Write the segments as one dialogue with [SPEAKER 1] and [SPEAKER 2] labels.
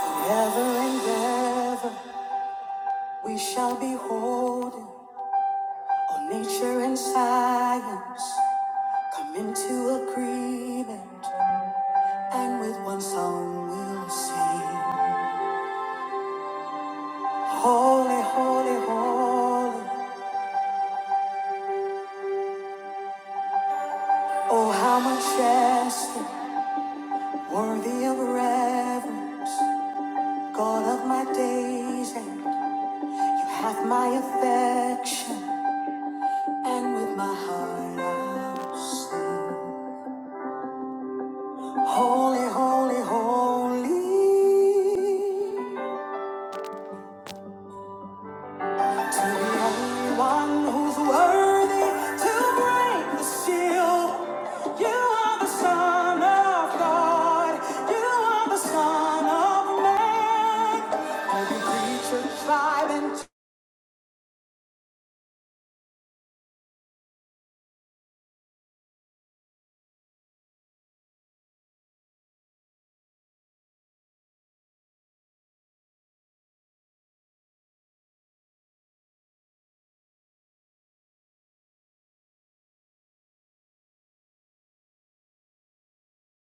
[SPEAKER 1] Forever and ever we shall be holding. all nature and science come into agreement, and with one song we'll sing. Holy, holy, holy, oh how majestic, worthy of reverence, God of my days, and you have my affection, and with my heart I'll sing. Holy, holy, holy. To the only one who's worthy to break the seal. You are the Son of God. You are the Son of Man. Every creature, tribe, and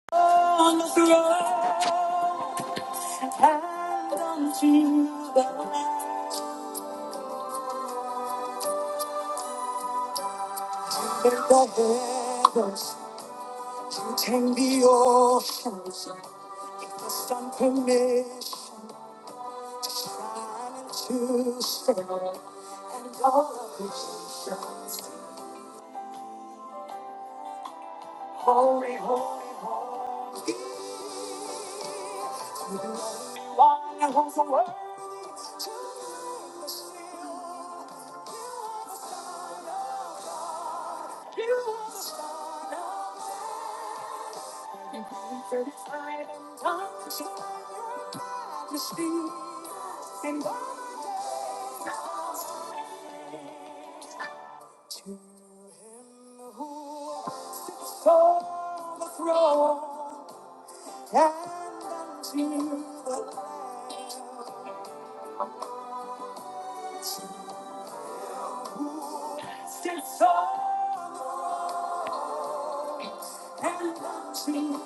[SPEAKER 1] tongue on the throne. And unto the Lamb in the heavens. You tame the oceans. Just on permission to stay and all of the nations be to the Lord's worthy to be the You are the Son of God. You are the Son of Man. And unto your majesty and all the days of To him who sits on the throne, as he sits on and watching,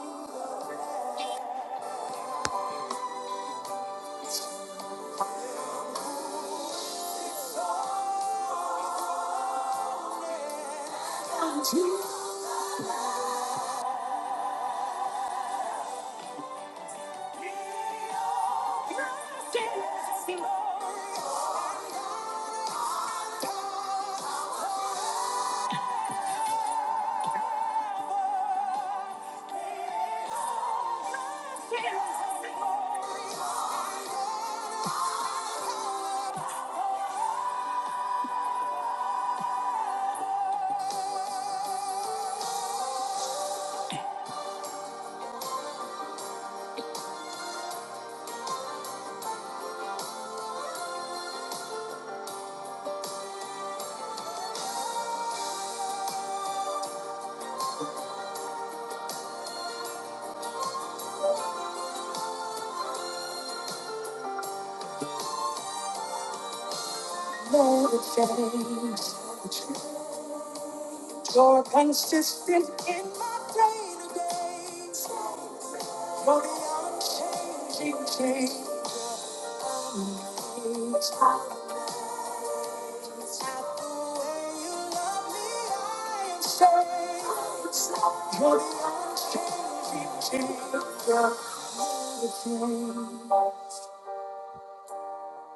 [SPEAKER 1] and to him Days, you're consistent in my day to day. You're the unchanging change.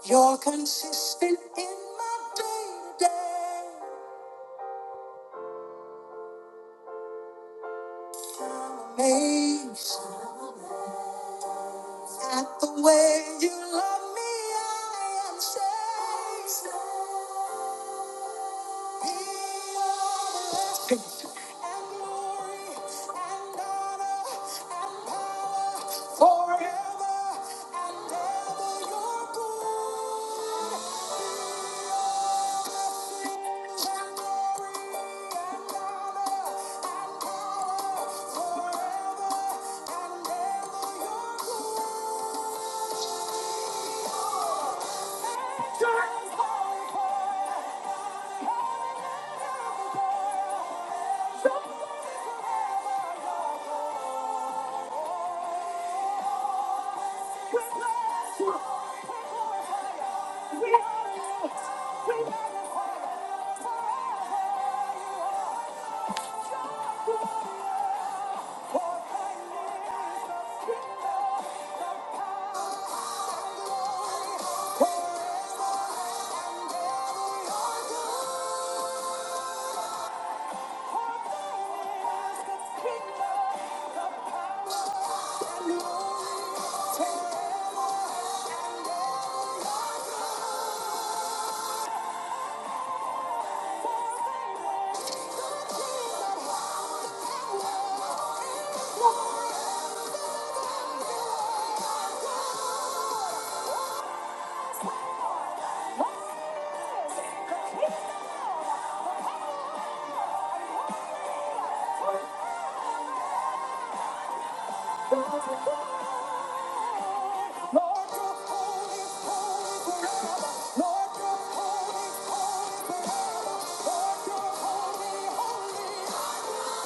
[SPEAKER 1] You're consistent in my day to day. Amazed at the way you love me, I am saved. Be your blessing and glory and honor and power forever. We We are the, we are the fire. magnify you. are. Thank you. Lord, you're holy, holy forever. Lord, you're holy, holy.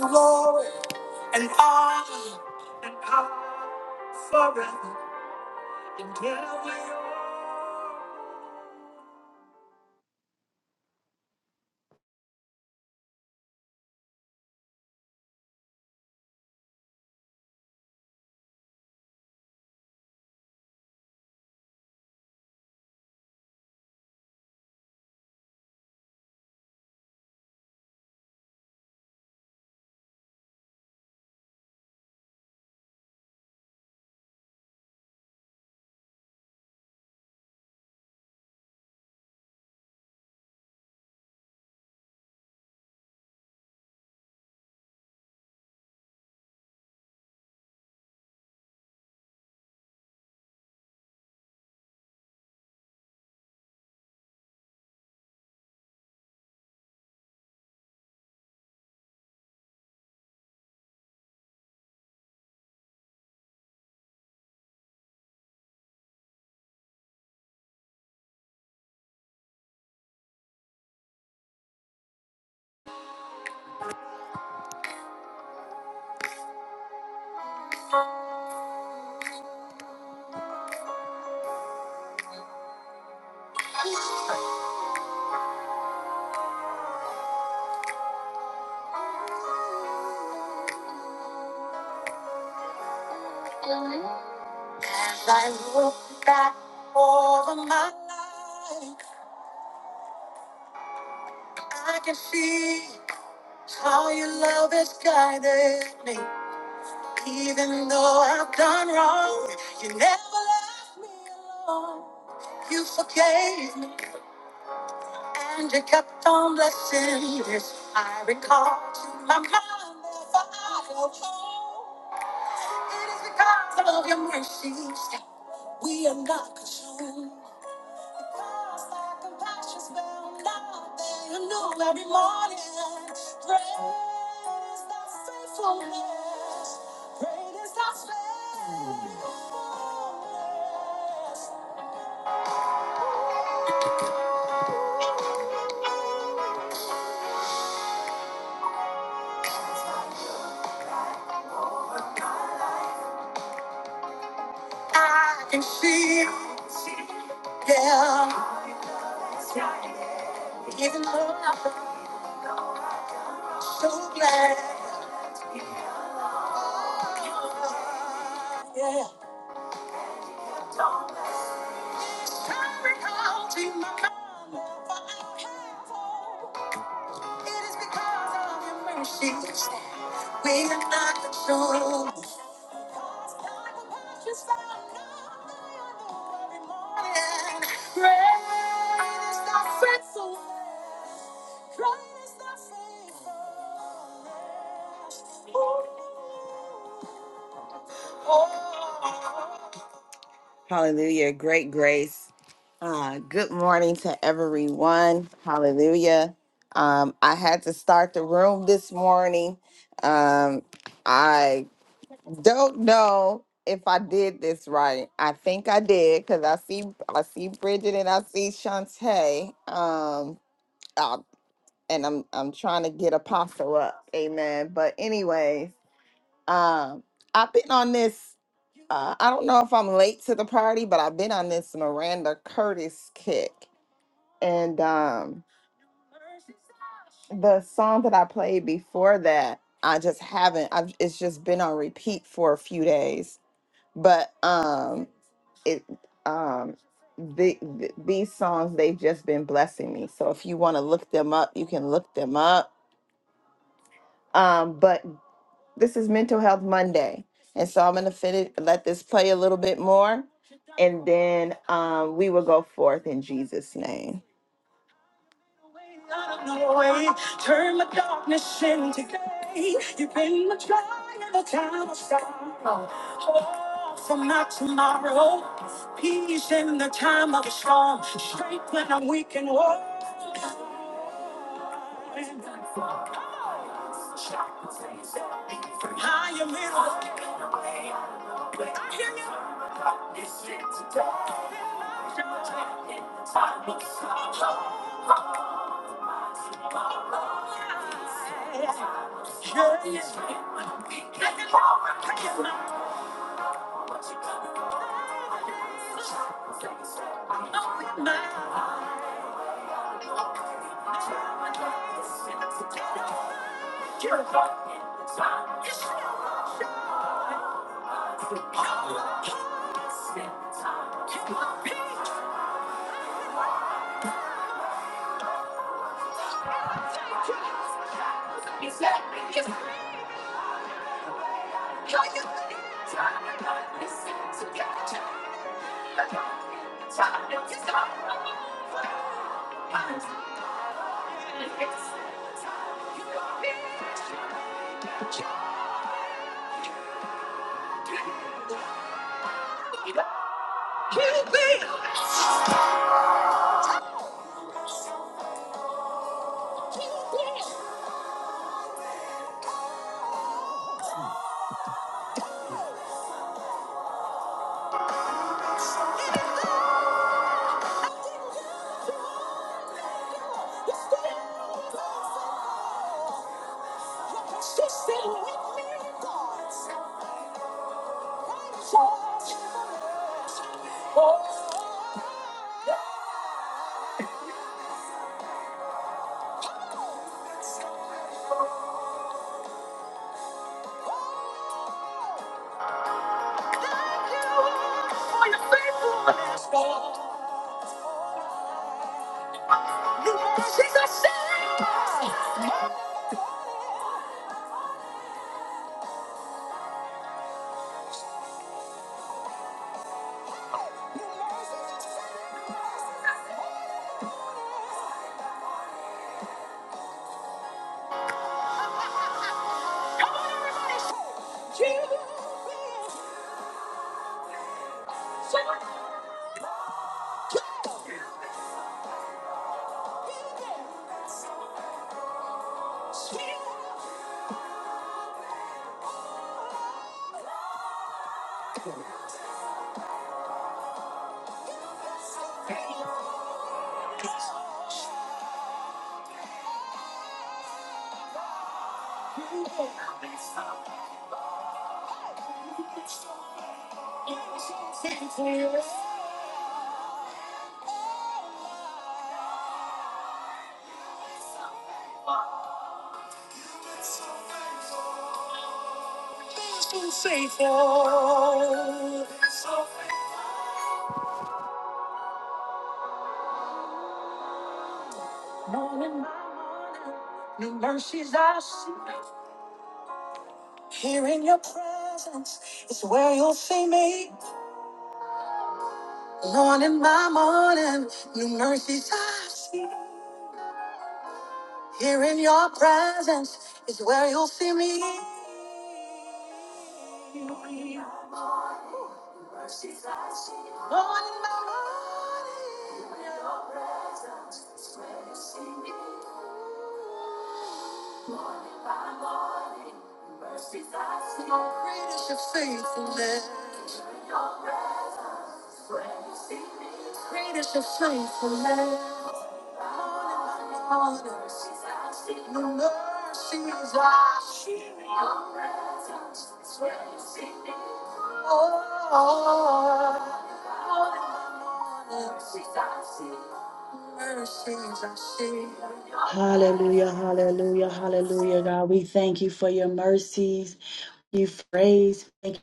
[SPEAKER 1] Glory and honor forever and ever. As I look back over my life, I can see how your love has guided me. Even though I've done wrong, you never left me alone. You forgave me and you kept on blessing this. I recall to my mind that I go home. It is because of your mercies that we are not consumed. Every morning, great is thy faithfulness. Great is thy faithfulness. I can see, yeah, even though I'm so glad, yeah. I recall to my mind that I have hope. we are not consumed. Hallelujah. Great grace. Uh, good morning to everyone. Hallelujah. Um, I had to start the room this morning. Um, Don't know if I did this right. I think I did because I see I see Bridget and I see Shantae. Um, uh, and I'm I'm trying to get Apostle up. Amen. But anyways, um, I've been on this. Uh, I don't know if I'm late to the party, but I've been on this Miranda Curtis kick, and um, the song that I played before that, I just haven't. I've it's just been on repeat for a few days. But um it um the, th- these songs they've just been blessing me so if you want to look them up you can look them up um but this is mental health monday and so i'm going to finish let this play a little bit more and then um we will go forth in jesus name Out of no way, turn my darkness into day. You've been my joy in the time of stop. Hope for my tomorrow. Peace in the time of a storm. Strength when I'm weak and worn. I am in. I hear you. Time to get Oh! Thank you. He's Been faithful. Morning by morning, new mercies I see. Here in your presence is where you'll see me. Morning by morning, new mercies I see. Here in your presence is where you'll see me. Morning by morning. Great is your faithfulness. Great is your faithfulness. Lord, Your mercies are
[SPEAKER 2] Hallelujah, hallelujah, hallelujah, God. We thank you for your mercies, you praise. Thank you,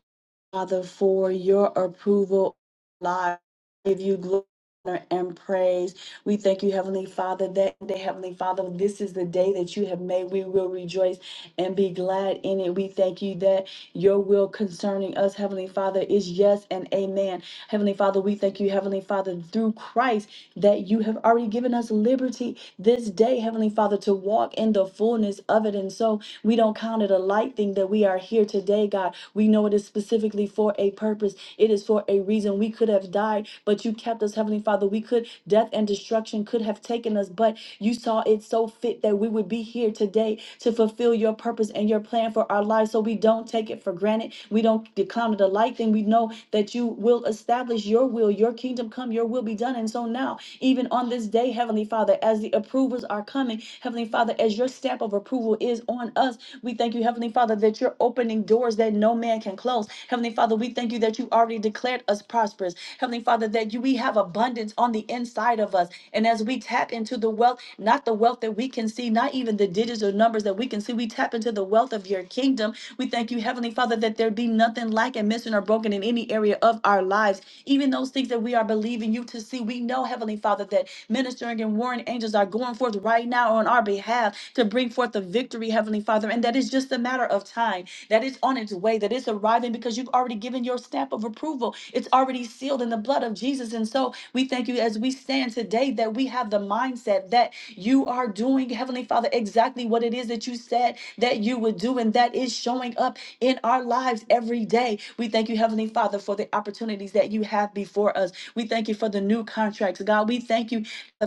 [SPEAKER 2] Father, for your approval. Live give you glory honor, and praise. We thank you, Heavenly Father, that day, Heavenly Father, this is the day that you have made. We will rejoice and be glad in it. We thank you that your will concerning us, Heavenly Father, is yes and amen. Heavenly Father, we thank you, Heavenly Father, through Christ, that you have already given us liberty this day, Heavenly Father, to walk in the fullness of it. And so we don't count it a light thing that we are here today, God. We know it is specifically for a purpose, it is for a reason reason we could have died, but you kept us, Heavenly Father. We could, death and destruction could have taken us, but you saw it so fit that we would be here today to fulfill your purpose and your plan for our lives. So we don't take it for granted. We don't decline it a light thing. We know that you will establish your will, your kingdom come, your will be done. And so now, even on this day, Heavenly Father, as the approvers are coming, Heavenly Father, as your stamp of approval is on us, we thank you, Heavenly Father, that you're opening doors doors that no man can close. Heavenly Father, we thank you that you already declared us prosperous. Heavenly Father, that you we have abundance on the inside of us. And as we tap into the wealth, not the wealth that we can see, not even the digits or numbers that we can see, we tap into the wealth of your kingdom. We thank you, Heavenly Father, that there be nothing lacking, missing, or broken in any area of our lives. Even those things that we are believing you to see, we know, Heavenly Father, that ministering and warring angels are going forth right now on our behalf to bring bring forth the victory, Heavenly Father, and that it's just a matter of time, that it's on its way, that it's arriving because you've already given your stamp of approval. It's already sealed in the blood of Jesus. And so we thank you as we stand today that we have the mindset that you are doing, Heavenly Father, exactly what it is that you said that you would do, and that is showing up in our lives every day. We thank you, Heavenly Father, for the opportunities that you have before us. We thank you for the new contracts, God. We thank you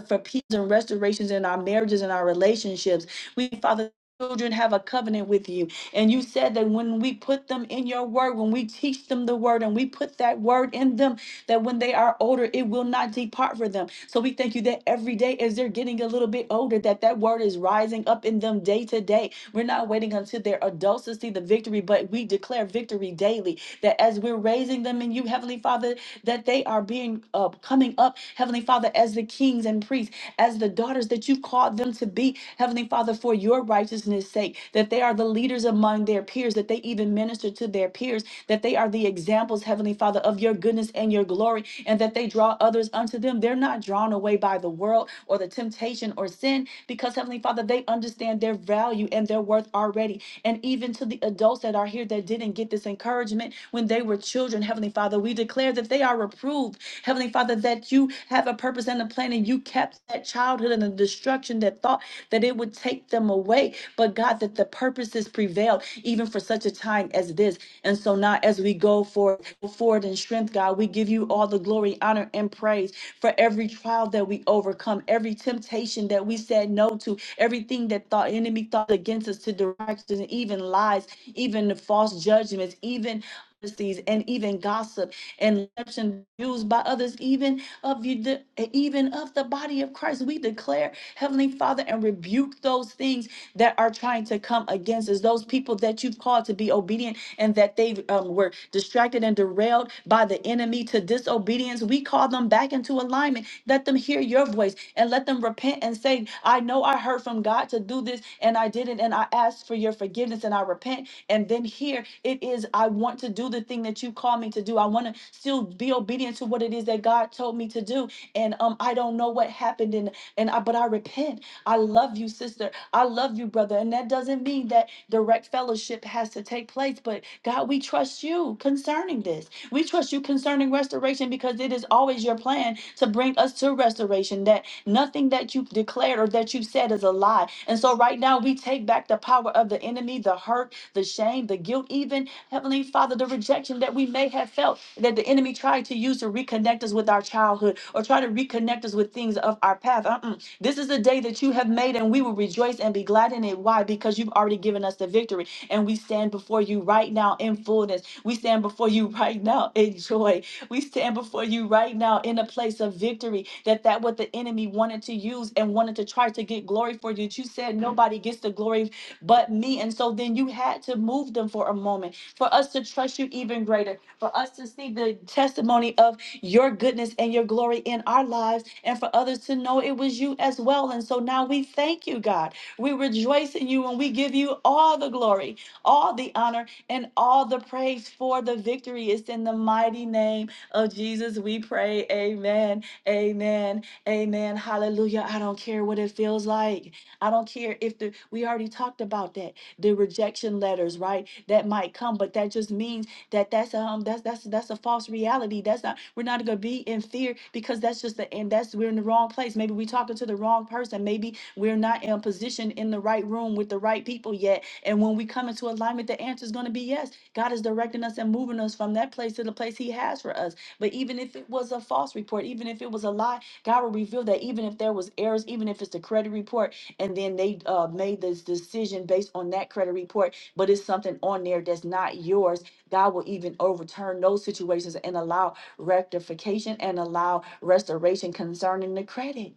[SPEAKER 2] for peace and restorations in our marriages and our relationships. We, Father, children have a covenant with you. And you said that when we put them in your word, when we teach them the word and we put that word in them, that when they are older, it will not depart from them. So we thank you that every day as they're getting a little bit older, that that word is rising up in them day to day. We're not waiting until they're adults to see the victory, but we declare victory daily that as we're raising them in you, Heavenly Father, that they are being uh, coming up, Heavenly Father, as the kings and priests, as the daughters that you called them to be, Heavenly Father, for your righteousness' sake, that they are the leaders among their peers, that they even minister to their peers, that they are the examples, Heavenly Father, of your goodness and your glory, and that they draw others unto them. They're not drawn away by the world or the temptation or sin, because Heavenly Father, they understand their value and their worth already today. And even to the adults that are here that didn't get this encouragement when they were children, Heavenly Father, we declare that they are reproved. Heavenly Father, that you have a purpose and a plan and you kept that childhood and the destruction that thought that it would take them away. But God, that the purposes prevailed even for such a time as this. And so now as we go forward, go forward in strength, God, we give you all the glory, honor, and praise for every trial that we overcome, every temptation that we said said no to, everything that thought enemy thought against us to directions, and even lies, even the false judgments, even heresies, and even gossip and deception used by others, even of you, the- even of the body of Christ. We declare, Heavenly Father, and rebuke those things that are trying to come against us. Those people that you've called to be obedient and that they um, were distracted and derailed by the enemy to disobedience. We call them back into alignment alignment. Let them hear your voice and let them repent and say, I know I heard from God to do this and I didn't, and I asked for your forgiveness and I repent. And then here it is, I want to do the thing that you called me to do. I want to still be obedient to what it is that God told me to do. And um, I don't know what happened, and and I, but I repent. I love you, sister. I love you, brother. And that doesn't mean that direct fellowship has to take place, but God, we trust you concerning this. We trust you concerning restoration because it is always your plan to bring us to restoration, that nothing that you've declared or that you've said is a lie. And so, right now, we take back the power of the enemy, the hurt, the shame, the guilt, even, Heavenly Father, the rejection that we may have felt that the enemy tried to use to reconnect us with our childhood or try to reconnect us with things of our path. Uh-uh. This is the day that you have made, and we will rejoice and be glad in it. Why? Because you've already given us the victory. And we stand before you right now in fullness. We stand before you right now in joy. We stand before you right now in a place of victory. That that what the enemy wanted to use and wanted to try to get glory for you. You said nobody gets the glory but me. And so then you had to move them for a moment for us to trust you even greater, for us to see the testimony of your goodness and your glory in our lives, and for others to know it was you as well. And so now we thank you, God. We rejoice in you and we give you all the glory all the honor and all the praise for the victory. It's in the mighty name of Jesus we pray. Amen. Amen. Amen. Hallelujah. I don't care what it feels like. I don't care if the we already talked about that. The rejection letters, right? That might come, but that just means that that's um that's that's that's a false reality. That's not we're not gonna be in fear because that's just the and that's we're in the wrong place. Maybe we are talking to the wrong person. Maybe we're not in position in the right room with the right people yet. And when we come into alignment, the answer is gonna be yes. God is directing us and moving us from that place to the place He has for us. But even if it was a false report, even if it was a lie, God will reveal that. Even if there was errors, even if it's the credit report, and then they uh, made this decision based on that credit report, but it's something on there that's not yours God will even overturn those situations and allow rectification and allow restoration concerning the credit.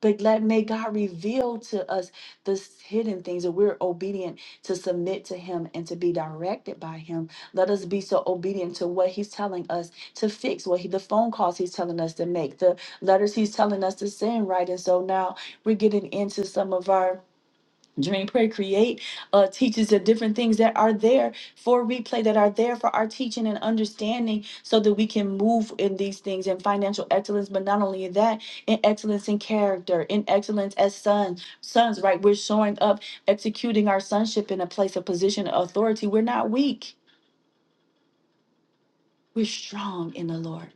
[SPEAKER 2] But let may God reveal to us the s- hidden things that we're obedient to submit to Him and to be directed by Him. Let us be so obedient to what He's telling us to fix, what He the phone calls He's telling us to make, the letters He's telling us to send, right? And so now we're getting into some of our Dream, pray, create uh, teaches the different things that are there for replay, that are there for our teaching and understanding, so that we can move in these things in financial excellence. But not only in that, in excellence in character, in excellence as sons, sons, right? We're showing up, executing our sonship in a place of position of authority. We're not weak, we're strong in the Lord.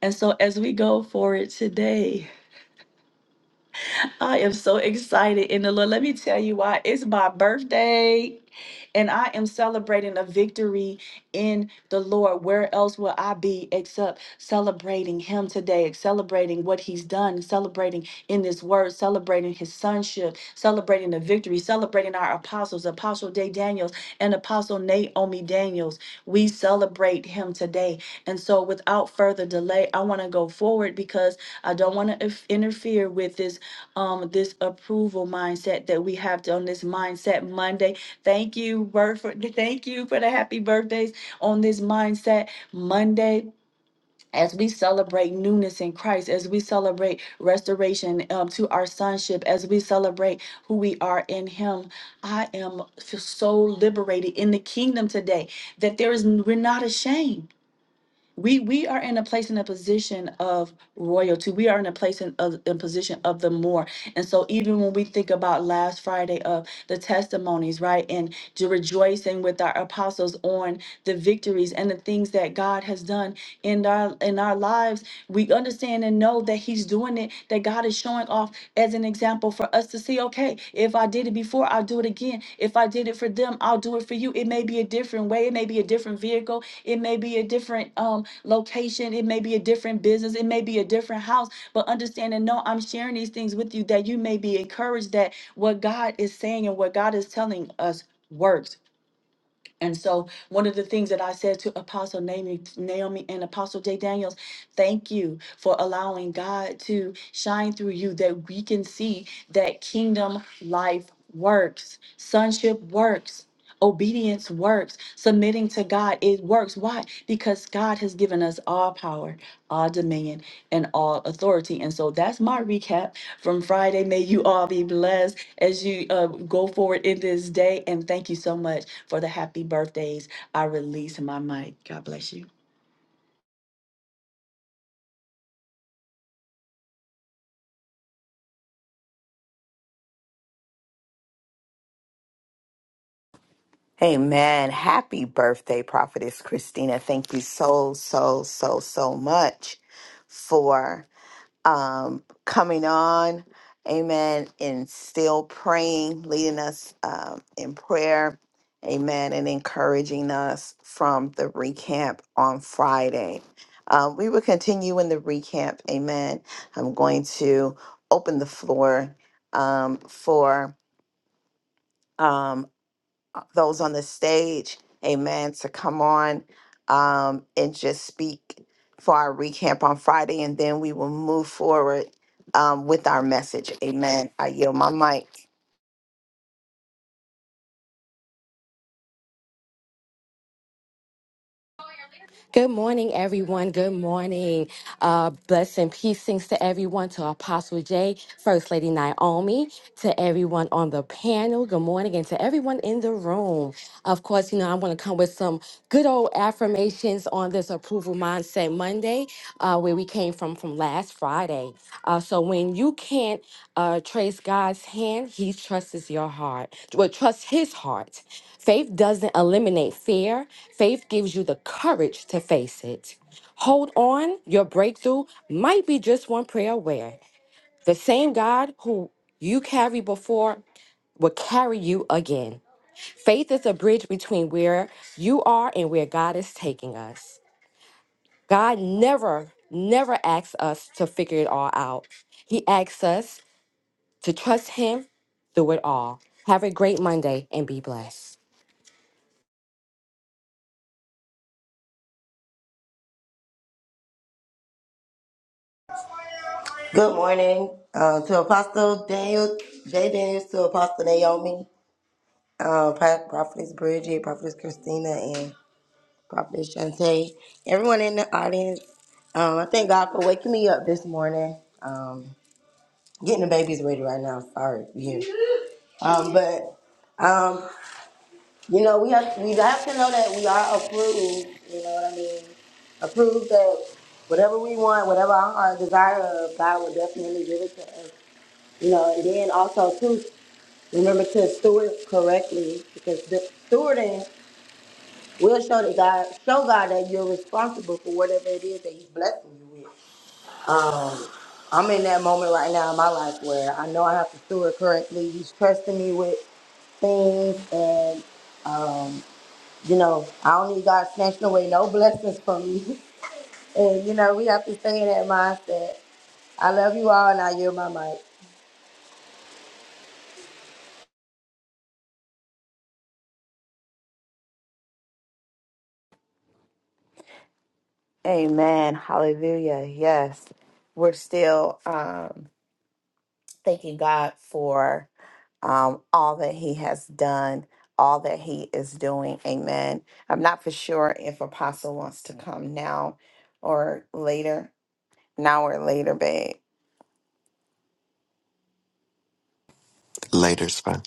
[SPEAKER 2] And so, as we go for it today, I am so excited in the Lord. Let me tell you why. It's my birthday, and I am celebrating a victory in the Lord. Where else will I be except celebrating Him today, celebrating what He's done, celebrating in this word, celebrating his sonship, celebrating the victory, celebrating our apostles, Apostle Day Daniels and Apostle Naomi Daniels. We celebrate him today. And so, without further delay, I want to go forward because I don't want to interfere with this um this approval mindset that we have on this mindset Monday. Thank you, Word for thank you for the happy birthdays on this mindset Monday as we celebrate newness in Christ, as we celebrate restoration um, to our sonship, as we celebrate who we are in Him, I am f- so liberated in the kingdom today that there is we're not ashamed we we are in a place in a position of royalty we are in a place in a, in position of the more and so even when we think about last friday of the testimonies right and to rejoicing with our apostles on the victories and the things that god has done in our in our lives we understand and know that he's doing it that god is showing off as an example for us to see okay if i did it before i'll do it again if i did it for them i'll do it for you it may be a different way it may be a different vehicle it may be a different um location it may be a different business it may be a different house but understand and know i'm sharing these things with you that you may be encouraged that what god is saying and what god is telling us works and so, one of the things that I said to Apostle Naomi, Naomi and Apostle J. Daniels, thank you for allowing God to shine through you that we can see that kingdom life works, sonship works. Obedience works. Submitting to God. It works. Why? Because God has given us all power, all dominion, and all authority. And so that's my recap from Friday. May you all be blessed as you uh, go forward in this day. And thank you so much for the happy birthdays. I release my mic. God bless you.
[SPEAKER 1] Amen. Happy birthday, Prophetess Christina. Thank you so, so, so, so much for um, coming on. Amen. And still praying, leading us um, in prayer. Amen. And encouraging us from the recamp on Friday. Um, we will continue in the recamp. Amen. I'm going to open the floor um, for. um, those on the stage, amen, to come on um, and just speak for our recamp on Friday, and then we will move forward um, with our message. Amen. I yield my mic.
[SPEAKER 3] Good morning, everyone. Good morning. Uh, bless and peacings to everyone, to Apostle Jay, First Lady Naomi, to everyone on the panel. Good morning, and to everyone in the room. Of course, you know, I'm going to come with some good old affirmations on this Approval Mindset Monday, uh, where we came from from last Friday. Uh, so when you can't uh, trace God's hand, He trusts your heart. Well, trust His heart. Faith doesn't eliminate fear, faith gives you the courage to face it. Hold on, your breakthrough might be just one prayer away. The same God who you carry before will carry you again. Faith is a bridge between where you are and where God is taking us. God never, never asks us to figure it all out. He asks us to trust Him through it all. Have a great Monday and be blessed.
[SPEAKER 4] Good morning uh, to Apostle Daniel, J. Daniels, to Apostle Naomi, uh, Pa- Prophetess Bridget, Prophetess Christina, and Prophetess Shantae. Everyone in the audience, um, I thank God for waking me up this morning. Um, getting the babies ready right now. Sorry, yeah. Um, but um, you know, we have we have to know that we are approved. You know what I mean? Approved that whatever we want, whatever our heart desire of, God will definitely give it to us. You know, and then also too, remember to steward correctly because the stewarding will show that God show God that you're responsible for whatever it is that He's blessing you with. Um, I'm in that moment right now in my life where I know I have to steward correctly. He's trusting me with things, and um, you know, I don't need God snatching away no blessings from me. And you know, we have to stay in that mindset. I love you all, and I yield my mic.
[SPEAKER 1] Amen. Hallelujah. Yes. We're still um, thanking God for um, all that He has done, all that He is doing. Amen. I'm not for sure if Apostle wants to come now or later, now or later, babe.
[SPEAKER 5] Later, sir.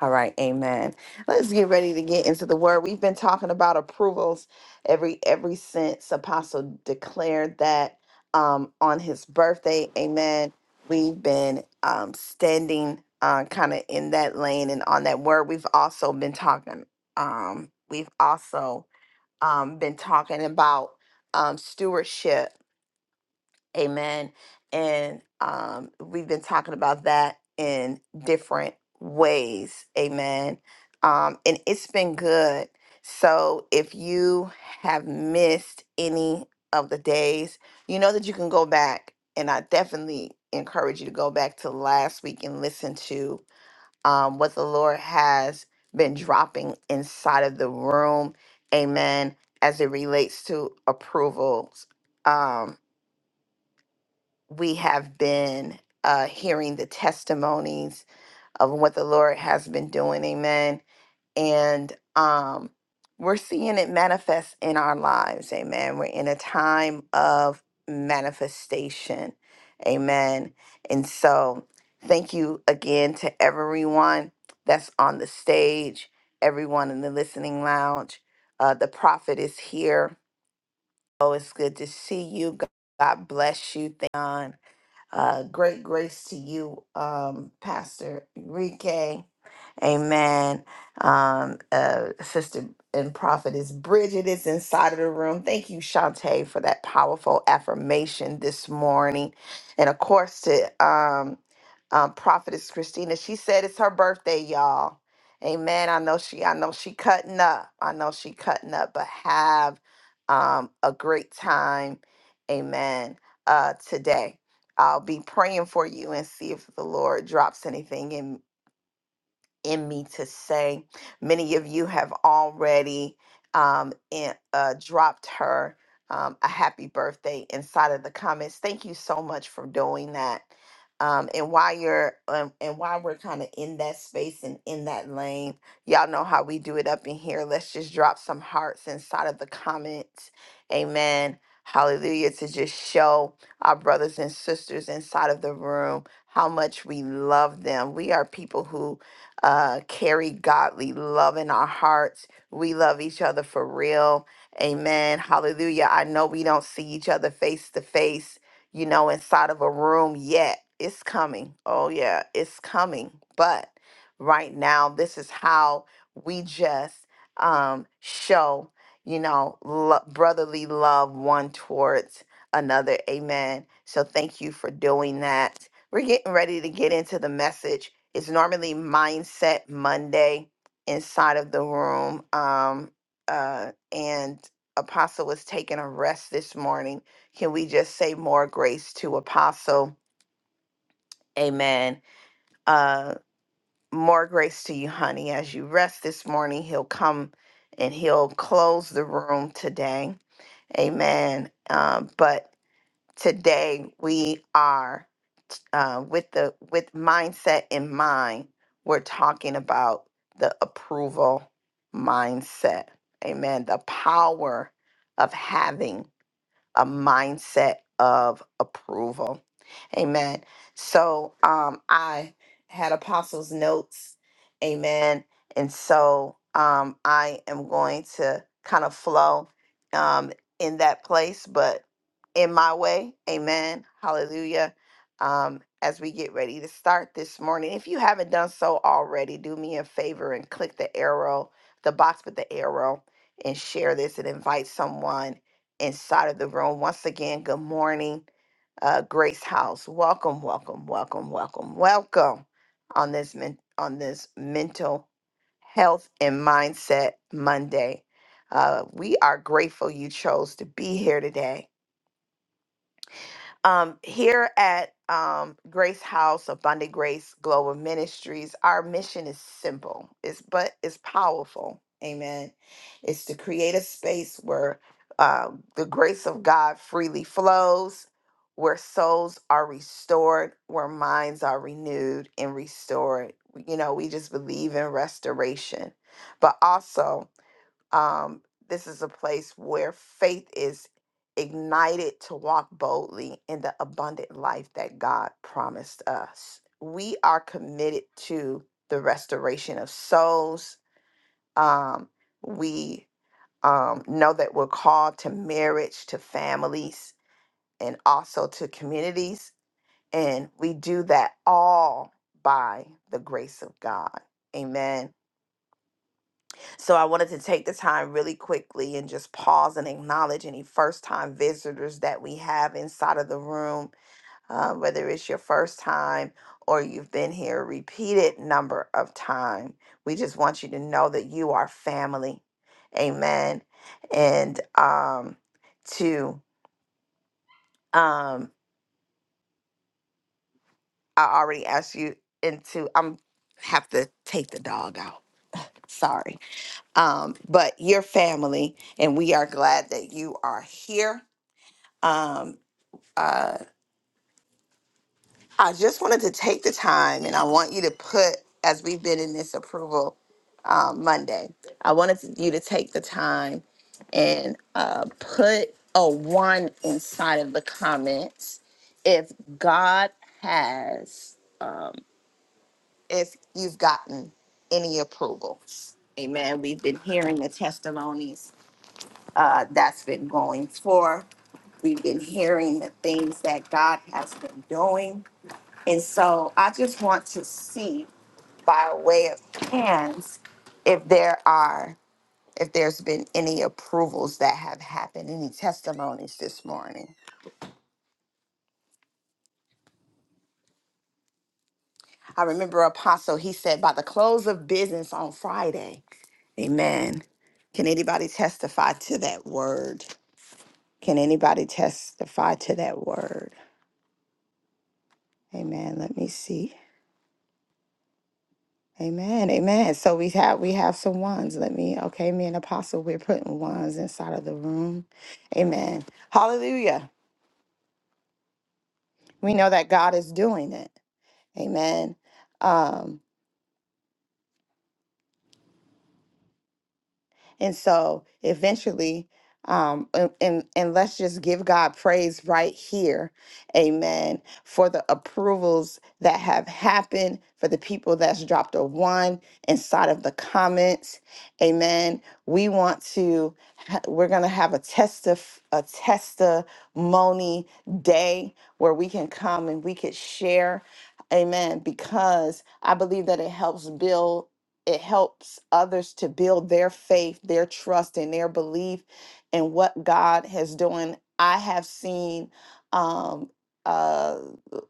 [SPEAKER 1] All right, amen. Let's get ready to get into the word. We've been talking about approvals every every since Apostle declared that um on his birthday. Amen. We've been um standing uh kind of in that lane and on that word. We've also been talking um we've also um been talking about um stewardship Amen. And um, we've been talking about that in different ways. Amen. Um, and it's been good. So if you have missed any of the days, you know that you can go back. And I definitely encourage you to go back to last week and listen to um, what the Lord has been dropping inside of the room. Amen. As it relates to approvals. Um, we have been uh, hearing the testimonies of what the Lord has been doing. Amen. And um, we're seeing it manifest in our lives. Amen. We're in a time of manifestation. Amen. And so, thank you again to everyone that's on the stage, everyone in the listening lounge. Uh, the prophet is here. Oh, it's good to see you. God God bless you. Thank you. Uh, great grace to you, um, Pastor Enrique. Amen. Um, uh, Sister and Prophetess Bridget is inside of the room. Thank you, Shantae, for that powerful affirmation this morning. And of course, to um, um, Prophetess Christina, she said it's her birthday, y'all. Amen. I know she, I know she cutting up. I know she cutting up, but have um, a great time. Amen. Uh, today. I'll be praying for you and see if the Lord drops anything in in me to say. Many of you have already um, in, uh, dropped her um, a happy birthday inside of the comments. Thank you so much for doing that. Um, and while you're um, and while we're kind of in that space and in that lane, y'all know how we do it up in here. Let's just drop some hearts inside of the comments. Amen. Hallelujah to just show our brothers and sisters inside of the room how much we love them. We are people who uh, carry godly love in our hearts. We love each other for real. Amen. Hallelujah. I know we don't see each other face to face, you know, inside of a room yet. It's coming. Oh, yeah, it's coming. But right now, this is how we just um, show, you know, lo- brotherly love one towards another. Amen. So thank you for doing that. We're getting ready to get into the message it's normally Mindset Monday inside of the room. Um, uh, and Apostle was taking a rest this morning. Can we just say more grace to Apostle? Amen. Uh, more grace to you, honey. As you rest this morning, he'll come and he'll close the room today. Amen. Um, but today we are. uh, with the with mindset in mind, we're talking about the approval mindset. Amen. The power of having a mindset of approval. Amen. So um I had apostles notes. Amen. And so um I am going to kind of flow um in that place but in my way. Amen. Hallelujah. Um as we get ready to start this morning. If you haven't done so already, do me a favor and click the arrow, the box with the arrow and share this and invite someone inside of the room. Once again, good morning, uh, Grace House. Welcome, welcome, welcome, welcome, welcome on this men- on this mental health and mindset Monday. Uh, we are grateful you chose to be here today um, here at um, Grace House, of Abundant Grace Global Ministries, our mission is simple, it's, but it's powerful. Amen. It's to create a space where uh, the grace of God freely flows, where souls are restored, where minds are renewed and restored. You know, we just believe in restoration, but also um, this is a place where faith is ignited to walk boldly in the abundant life that God promised us. We are committed to the restoration of souls. Um, we um, know that we're called to marriage, to families, and also to communities. And we do that all by the grace of God. Amen. So I wanted to take the time really quickly and just pause and acknowledge any first time visitors that we have inside of the room, uh, whether it's your first time or you've been here a repeated number of time. We just want you to know that you are family. Amen. And um to um I already asked you into I'm have to take the dog out. Sorry. um, but your family, and we are glad that you are here. Um, I just wanted to take the time, and I want you to put, as we've been in this approval uh, Monday, I wanted to- you to take the time and uh, put a one inside of the comments if God has, um, if you've gotten any approval. Amen. We've been hearing the testimonies uh, that's been going for. We've been hearing the things that God has been doing. And so I just want to see by way of hands if there are if there's been any approvals that have happened, any testimonies this morning. I remember Apostle, he said by the close of business on Friday. Amen. Can anybody testify to that word? Can anybody testify to that word? Amen. Let me see. Amen. Amen. So we have we have some ones. Let me okay, me and Apostle, we're putting ones inside of the room. Amen. Hallelujah. We know that God is doing it. Amen. Um And so eventually, um, and, and, and let's just give God praise right here. Amen. For the approvals that have happened, for the people that's dropped a one inside of the comments. Amen. We want to, ha- we're going to have a, testif- a testimony day where we can come and we could share. Amen. Because I believe that it helps build it helps others to build their faith, their trust, and their belief in what God has doing. I have seen um, uh,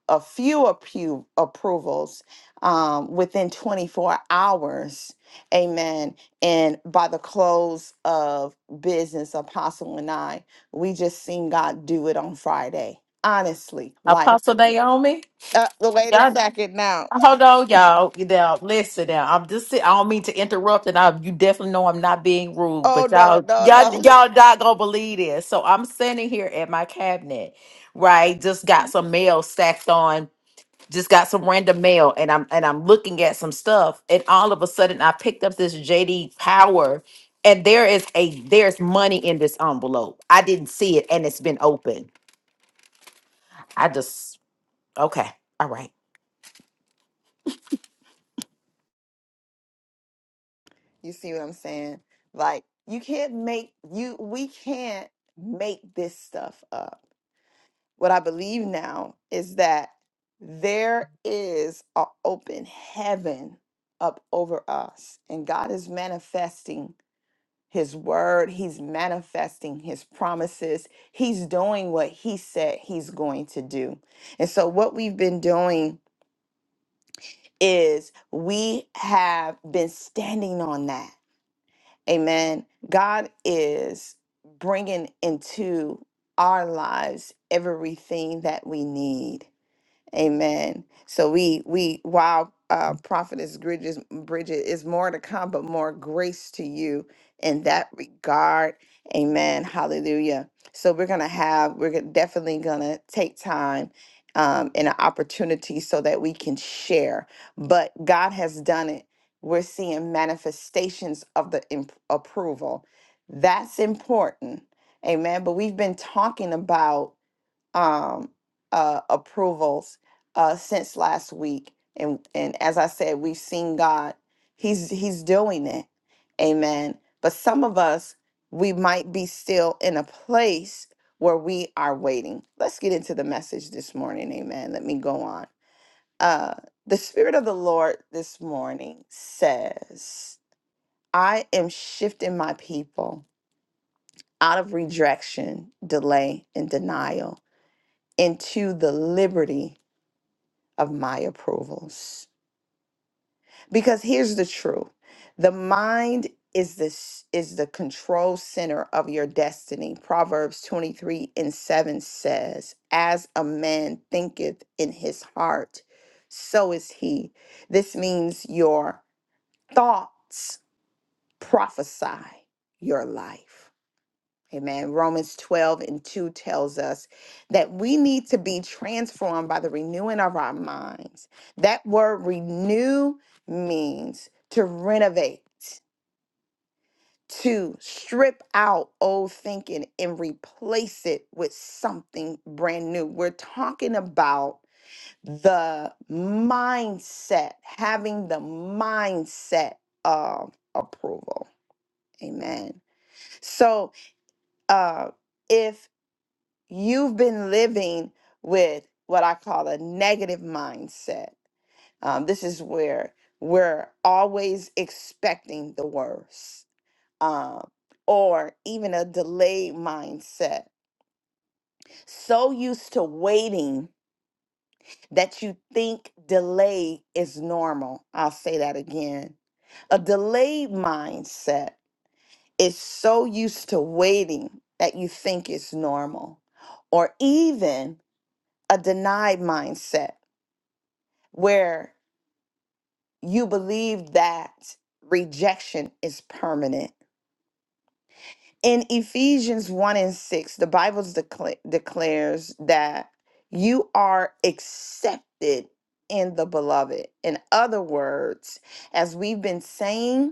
[SPEAKER 1] a few appro- approvals um, within 24 hours. Amen. And by the close of business, Apostle and I, we just seen God do it on Friday. Honestly, like
[SPEAKER 6] Apostle Naomi,
[SPEAKER 1] uh, wait a
[SPEAKER 6] y'all,
[SPEAKER 1] second now.
[SPEAKER 6] hold on, y'all. Now, listen, now, I'm just, si- I don't mean to interrupt, and I, you definitely know I'm not being rude,
[SPEAKER 1] Oh
[SPEAKER 6] but
[SPEAKER 1] no,
[SPEAKER 6] y'all,
[SPEAKER 1] no,
[SPEAKER 6] y'all,
[SPEAKER 1] no.
[SPEAKER 6] y'all not gonna believe this. So I'm sitting here at my cabinet, right? Just got some mail stacked on, just got some random mail, and I'm and I'm looking at some stuff, and all of a sudden, I picked up this JD Power, and there is a there's money in this envelope. I didn't see it, and it's been open. I just okay, all right.
[SPEAKER 1] You see what I'm saying? Like you can't make you we can't make this stuff up. What I believe now is that there is an open heaven up over us and God is manifesting his word, he's manifesting his promises. He's doing what he said he's going to do. And so what we've been doing is we have been standing on that. Amen. God is bringing into our lives everything that we need. Amen. So we we while uh prophetess Bridges Bridget is more to come, but more grace to you in that regard. Amen. Hallelujah. So we're gonna have we're gonna- definitely gonna take time um and an opportunity so that we can share. But God has done it. We're seeing manifestations of the imp- approval. That's important. Amen. But we've been talking about um, uh, approvals uh, since last week, and and as I said, we've seen God. He's He's doing it, Amen. But some of us, we might be still in a place where we are waiting. Let's get into the message this morning, Amen. Let me go on. Uh, the Spirit of the Lord this morning says, "I am shifting my people." Out of rejection, delay, and denial into the liberty of my approvals. Because here's the truth. The mind is this is the control center of your destiny. Proverbs 23 and 7 says, As a man thinketh in his heart, so is he. This means your thoughts prophesy your life. Amen. Romans 12 and 2 tells us that we need to be transformed by the renewing of our minds. That word renew means to renovate, to strip out old thinking and replace it with something brand new. We're talking about the mindset, having the mindset of approval. Amen. So, uh, if you've been living with what I call a negative mindset. Um, this is where we're always expecting the worst, um, or even a delayed mindset. So used to waiting that you think delay is normal. I'll say that again. A delayed mindset is so used to waiting that you think it's normal, or even a denied mindset where you believe that rejection is permanent. In Ephesians 1 and 6, the Bible decla- declares that you are accepted in the beloved. In other words, as we've been saying,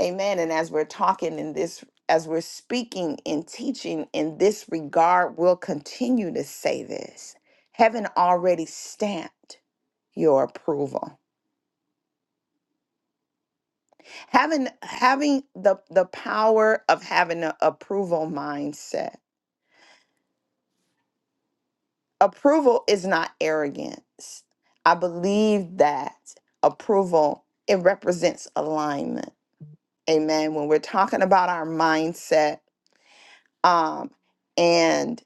[SPEAKER 1] Amen. And as we're talking in this, as we're speaking and teaching in this regard, we'll continue to say this. Heaven already stamped your approval. Having having the the power of having an approval mindset. Approval is not arrogance. I believe that approval it represents alignment. Amen. When we're talking about our mindset, um, and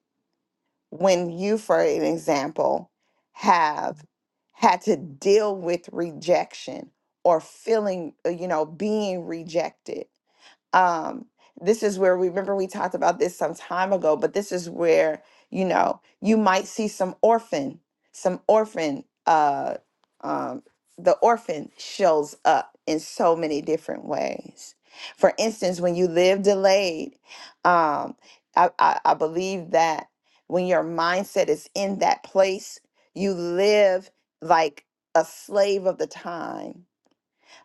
[SPEAKER 1] when you, for an example, have had to deal with rejection or feeling, uh, you know, being rejected? um this is where we remember we talked about this some time ago but this is where you know you might see some orphan some orphan uh um the orphan shows up in so many different ways for instance when you live delayed um i i, I believe that when your mindset is in that place you live like a slave of the time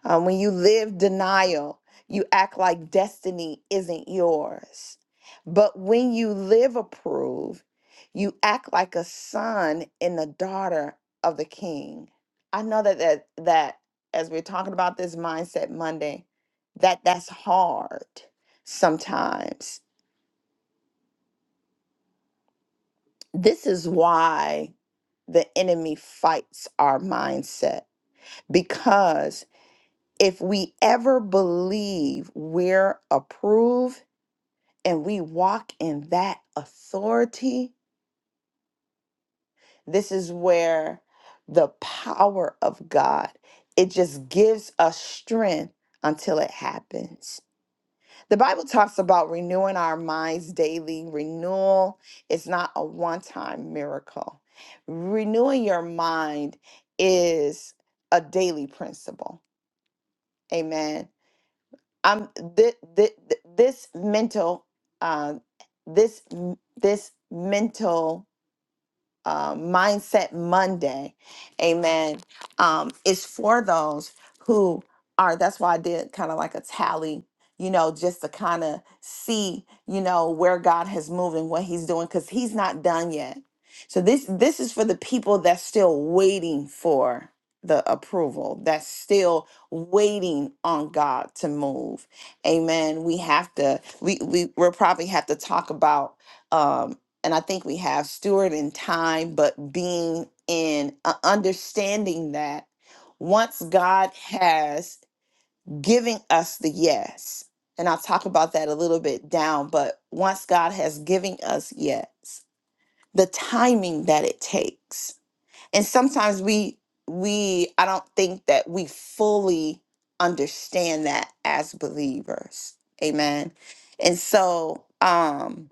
[SPEAKER 1] um, when you live denial, you act like destiny isn't yours. But when you live approve, you act like a son and a daughter of the king. I know that that, that as we're talking about this mindset Monday, that that's hard sometimes. This is why the enemy fights our mindset because if we ever believe we're approved and we walk in that authority, this is where the power of God, it just gives us strength until it happens. The Bible talks about renewing our minds daily. Renewal is not a one time miracle. Renewing your mind is a daily principle. Amen. I'm th- th- th- this mental uh, this this mental uh, Mindset Monday, amen, um, is for those who are, that's why I did kind of like a tally, you know, just to kind of see, you know, where God has moved and what he's doing, because he's not done yet. So this this is for the people that's still waiting for the approval, that's still waiting on God to move. Amen. We have to, we, we we'll probably have to talk about um, and I think we have steward in time, but being in uh, understanding that once God has giving us the yes, and I'll talk about that a little bit down, but once God has given us yes, the timing that it takes, and sometimes we we I don't think that we fully understand that as believers, Amen. And so, um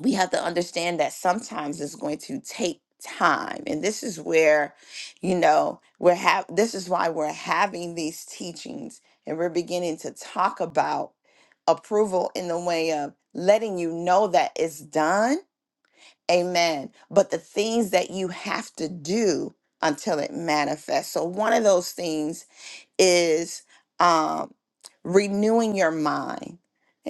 [SPEAKER 1] we have to understand that sometimes it's going to take time and this is where you know we're have this is why we're having these teachings and we're beginning to talk about approval in the way of letting you know that it's done amen but the things that you have to do until it manifests so one of those things is um, renewing your mind.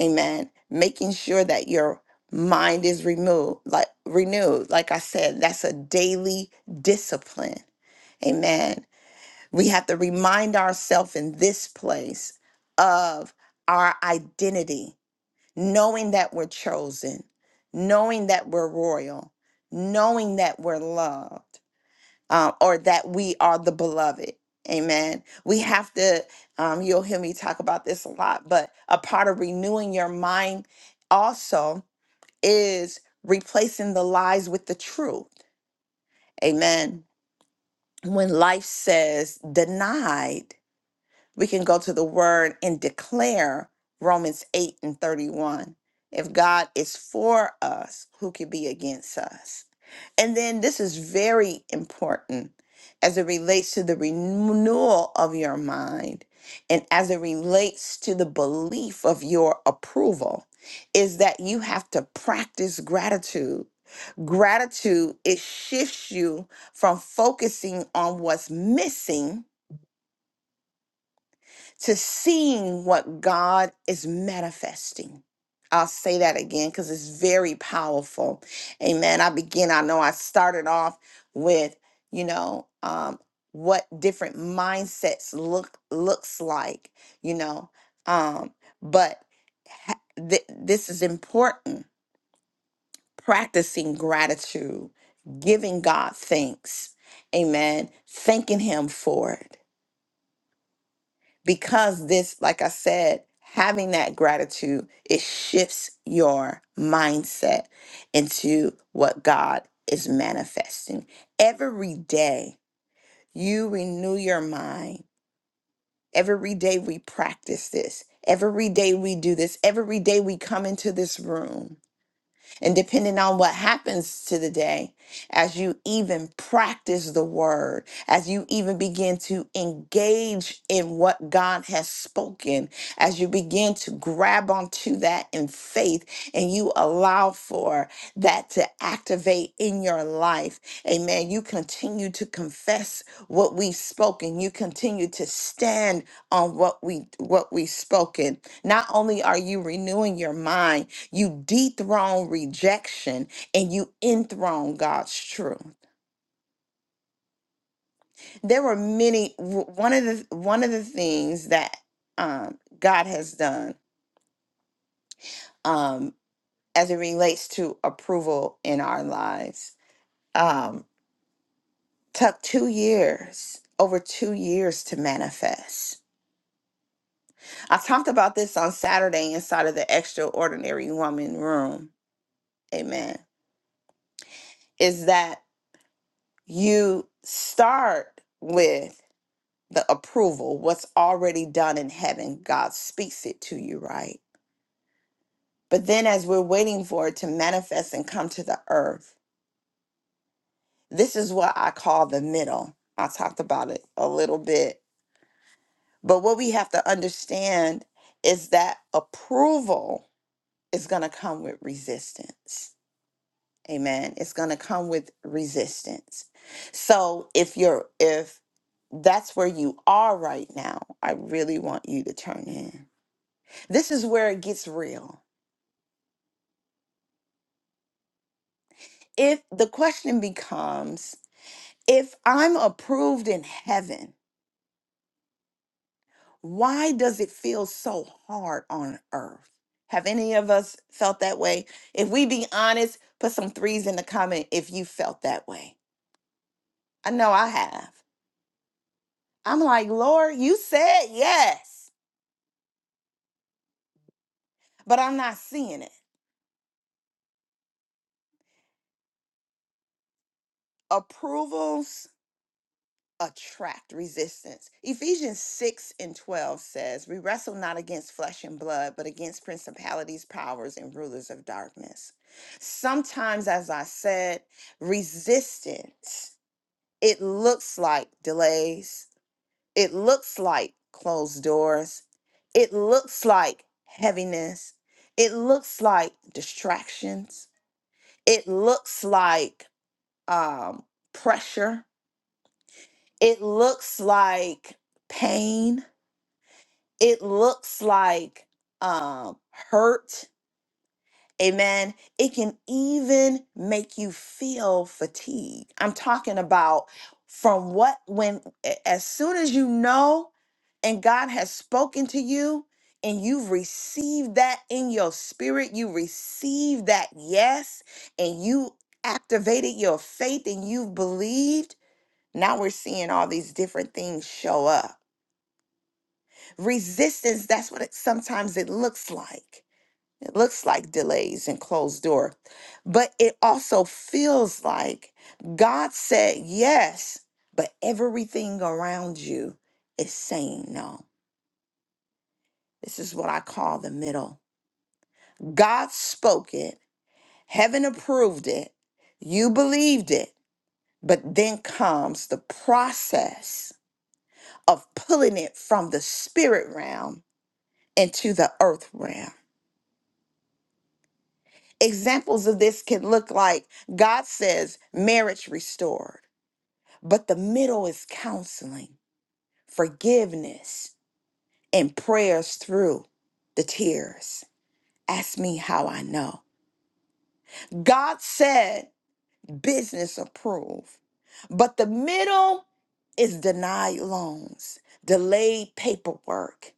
[SPEAKER 1] Amen. Making sure that your mind is renewed, like renewed. Like I said, that's a daily discipline. Amen. We have to remind ourselves in this place of our identity, knowing that we're chosen, knowing that we're royal, knowing that we're loved um, or that we are the beloved. Amen. We have to, um, you'll hear me talk about this a lot, but a part of renewing your mind also is replacing the lies with the truth. Amen. When life says denied, we can go to the word and declare Romans 8 and 31. If God is for us, who can be against us? And then this is very important as it relates to the renewal of your mind and as it relates to the belief of your approval is that you have to practice gratitude. Gratitude it shifts you from focusing on what's missing to seeing what God is manifesting. I'll say that again because it's very powerful. Amen. I begin, I know I started off with, you know, um, what different mindsets look looks like, you know. Um, but ha- th- this is important. Practicing gratitude, giving God thanks, amen, thanking Him for it because this, like I said, having that gratitude, it shifts your mindset into what God is manifesting. Every day you renew your mind. Every day we practice this. Every day we do this. Every day we come into this room and depending on what happens to the day, as you even practice the word, as you even begin to engage in what God has spoken, as you begin to grab onto that in faith and you allow for that to activate in your life, amen. You continue to confess what we've spoken, you continue to stand on what we what we've spoken. Not only are you renewing your mind, you dethrone rejection and you enthrone God's truth. There were many w- one of the one of the things that um, God has done um, as it relates to approval in our lives. Um, took two years, over two years to manifest. I talked about this on Saturday inside of the extraordinary woman room. Amen. Is that you start with? the approval, what's already done in heaven, God speaks it to you, right? But then as we're waiting for it to manifest and come to the earth, this is what I call the middle. I talked about it a little bit. But what we have to understand is that approval is going to come with resistance. Amen. It's going to come with resistance. So if you're if that's where you are right now, I really want you to turn in This is where it gets real. If the question becomes, if I'm approved in heaven, why does it feel so hard on earth? Have any of us felt that way? If we be honest, put some threes in the comment if you felt that way. I know I have. I'm like, Lord, you said yes, but I'm not seeing it. Approvals attract resistance. Ephesians 6 and 12 says, We wrestle not against flesh and blood, but against principalities, powers, and rulers of darkness. Sometimes, as I said, resistance, it looks like delays, it looks like closed doors, it looks like heaviness, it looks like distractions, it looks like um, pressure it looks like pain it looks like um hurt amen it can even make you feel fatigue i'm talking about from what when a- as soon as you know and god has spoken to you and you've received that in your spirit you received that yes and you activated your faith and you've believed now we're seeing all these different things show up resistance that's what it sometimes it looks like it looks like delays and closed door but it also feels like god said yes but everything around you is saying no this is what i call the middle god spoke it heaven approved it you believed it but then comes the process of pulling it from the spirit realm into the earth realm Examples of this can look like God says marriage restored, but the middle is counseling, forgiveness, and prayers through the tears. Ask me how I know. God said business approved, but the middle is denied loans, delayed paperwork,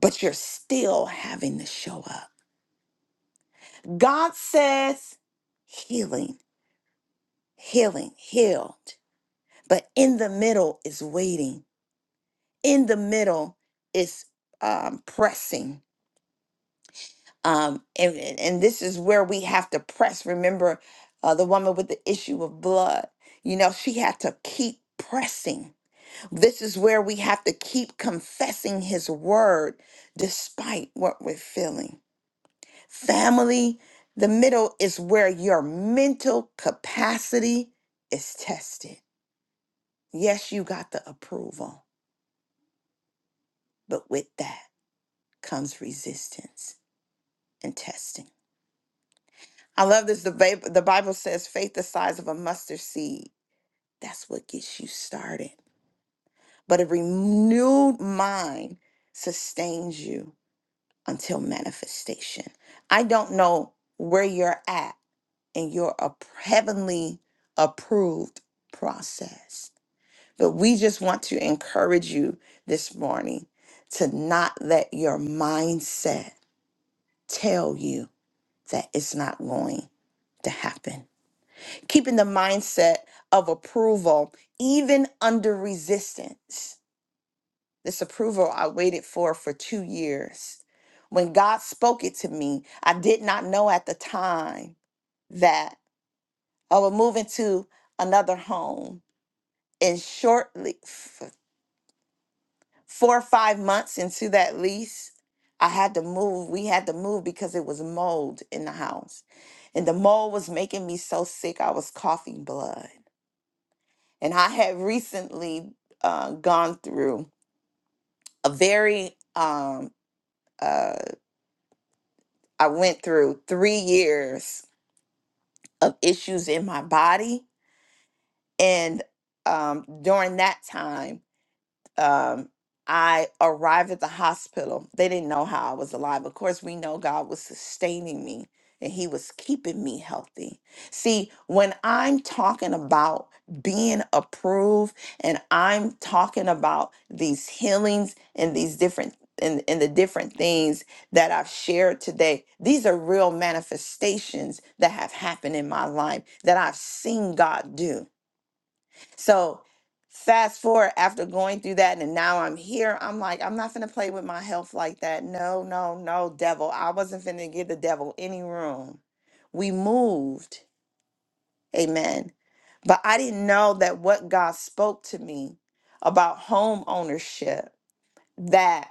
[SPEAKER 1] but you're still having to show up. God says healing, healing, healed. but in the middle is waiting in the middle is um, pressing um, and, and and this is where we have to press remember uh, the woman with the issue of blood you know she had to keep pressing this is where we have to keep confessing his word despite what we're feeling family the middle is where your mental capacity is tested yes you got the approval but with that comes resistance and testing. I love this. The, Bab- the Bible says faith the size of a mustard seed. That's what gets you started. But a renewed mind sustains you until manifestation. I don't know where you're at in your ap- heavenly approved process, but we just want to encourage you this morning to not let your mindset tell you. that it's not going to happen. Keeping the mindset of approval, even under resistance. This approval I waited for for two years. When God spoke it to me, I did not know at the time that I would move into another home. And shortly, four or five months into that lease, I had to move. We had to move because it was mold in the house. And the mold was making me so sick, I was coughing blood. And I had recently uh, gone through a very, um, uh, I went through three years of issues in my body. And um, during that time, um, I arrived at the hospital. They didn't know how I was alive. Of course, we know God was sustaining me and He was keeping me healthy. See, when I'm talking about being approved and I'm talking about these healings and these different and, and the different things that I've shared today, these are real manifestations that have happened in my life that I've seen God do. So fast forward after going through that and now I'm here, I'm like, I'm not finna play with my health like that. No, no, no, devil. I wasn't finna give the devil any room. We moved. Amen. But I didn't know that what God spoke to me about home ownership, that.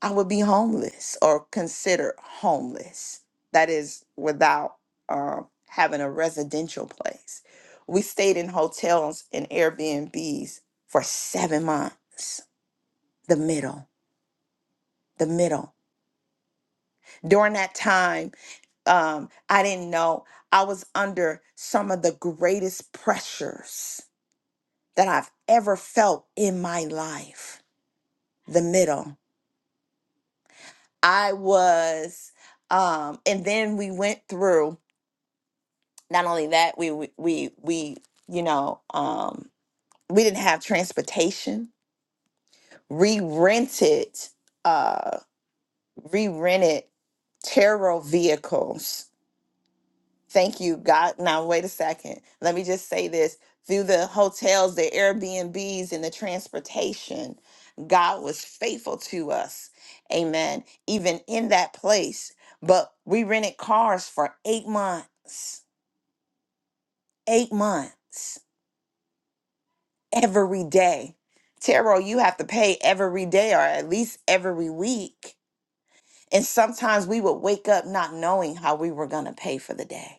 [SPEAKER 1] I would be homeless or considered homeless. That is without um, having a residential place. We stayed in hotels and Airbnbs for seven months. The middle, the middle. During that time, um, I didn't know I was under some of the greatest pressures that I've ever felt in my life. The middle. I was, um, and then we went through not only that we we we, we you know um we didn't have transportation re-rented uh re-rented tarot vehicles thank you god now wait a second let me just say this through the hotels the airbnbs and the transportation god was faithful to us amen even in that place but we rented cars for eight months eight months every day. Tarot, you have to pay every day or at least every week. And sometimes we would wake up not knowing how we were going to pay for the day.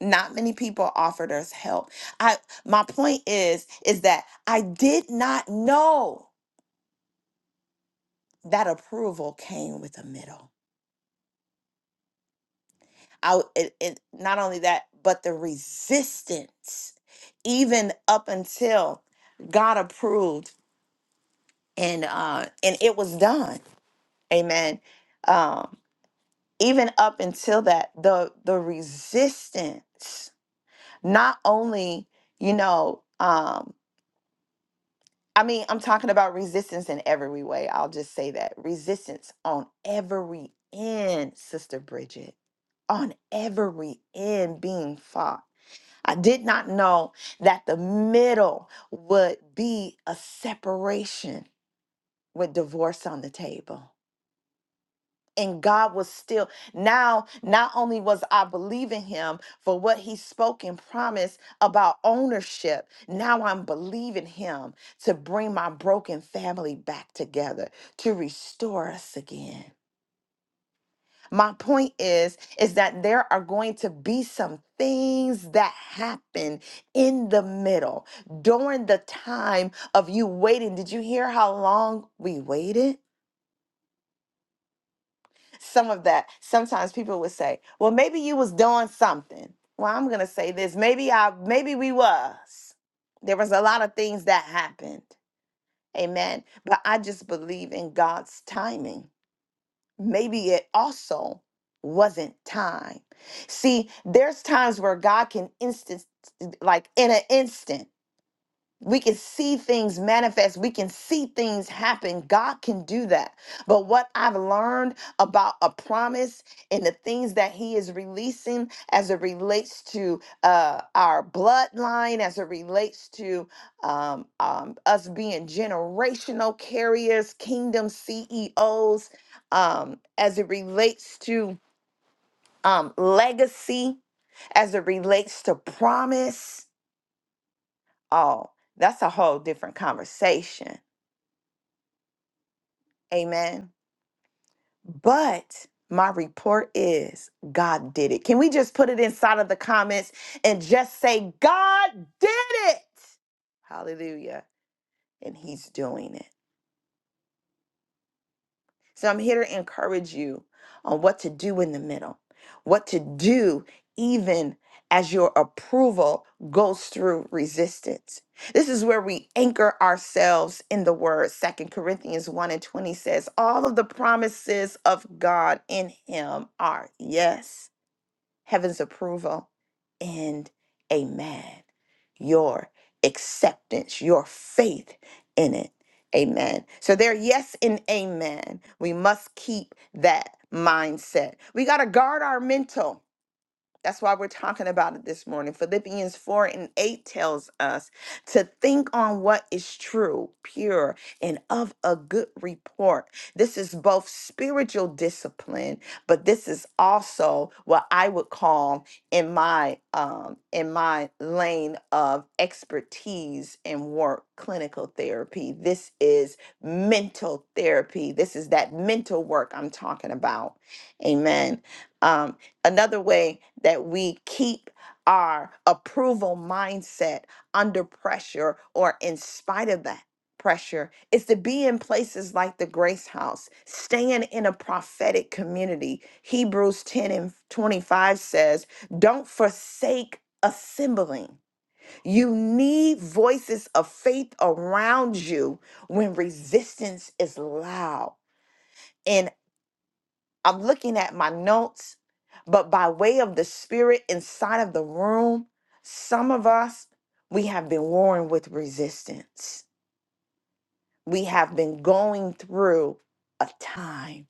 [SPEAKER 1] Not many people offered us help. I my point is is that I did not know that approval came with a middle. I it, it, not only that, but the resistance even up until God approved and uh and it was done. Amen Um, even up until that the the resistance not only you know um i mean i'm talking about resistance in every way i'll just say that resistance on every end sister bridget on every end being fought i did not know that the middle would be a separation with divorce on the table and God was still now not only was I believing him for what he spoke and promised about ownership now I'm believing him to bring my broken family back together to restore us again my point is is that there are going to be some things that happen in the middle during the time of you waiting did you hear how long we waited some of that sometimes people would say well maybe you was doing something well i'm gonna say this maybe i maybe we was there was a lot of things that happened amen but i just believe in god's timing maybe it also wasn't time see there's times where god can instant like in an instant we can see things manifest. We can see things happen. God can do that. But what I've learned about a promise and the things that He is releasing as it relates to uh, our bloodline, as it relates to um, um, us being generational carriers, kingdom CEOs, um, as it relates to um, legacy, as it relates to promise. Oh, that's a whole different conversation Amen. But my report is God did it. Can we just put it inside of the comments and just say, God did it? Hallelujah. And he's doing it. So I'm here to encourage you on what to do in the middle, what to do even as your approval goes through resistance. This is where we anchor ourselves in the word. Second Corinthians 1 and 20 says, All of the promises of God in him are yes heaven's approval, and amen. Your acceptance, your faith in it. Amen. So there, yes and amen. We must keep that mindset. We got to guard our mental. That's why we're talking about it this morning. Philippians 4 and 8 tells us to think on what is true, pure, and of a good report. This is both spiritual discipline, but this is also what I would call in my um in my lane of expertise and work clinical therapy. This is mental therapy. This is that mental work I'm talking about. Amen. Um, another way that we keep our approval mindset under pressure or in spite of that pressure is to be in places like the grace house staying in a prophetic community hebrews 10 and 25 says don't forsake assembling you need voices of faith around you when resistance is loud I'm looking at my notes, but by way of the spirit inside of the room, some of us, we have been warring with resistance. We have been going through a time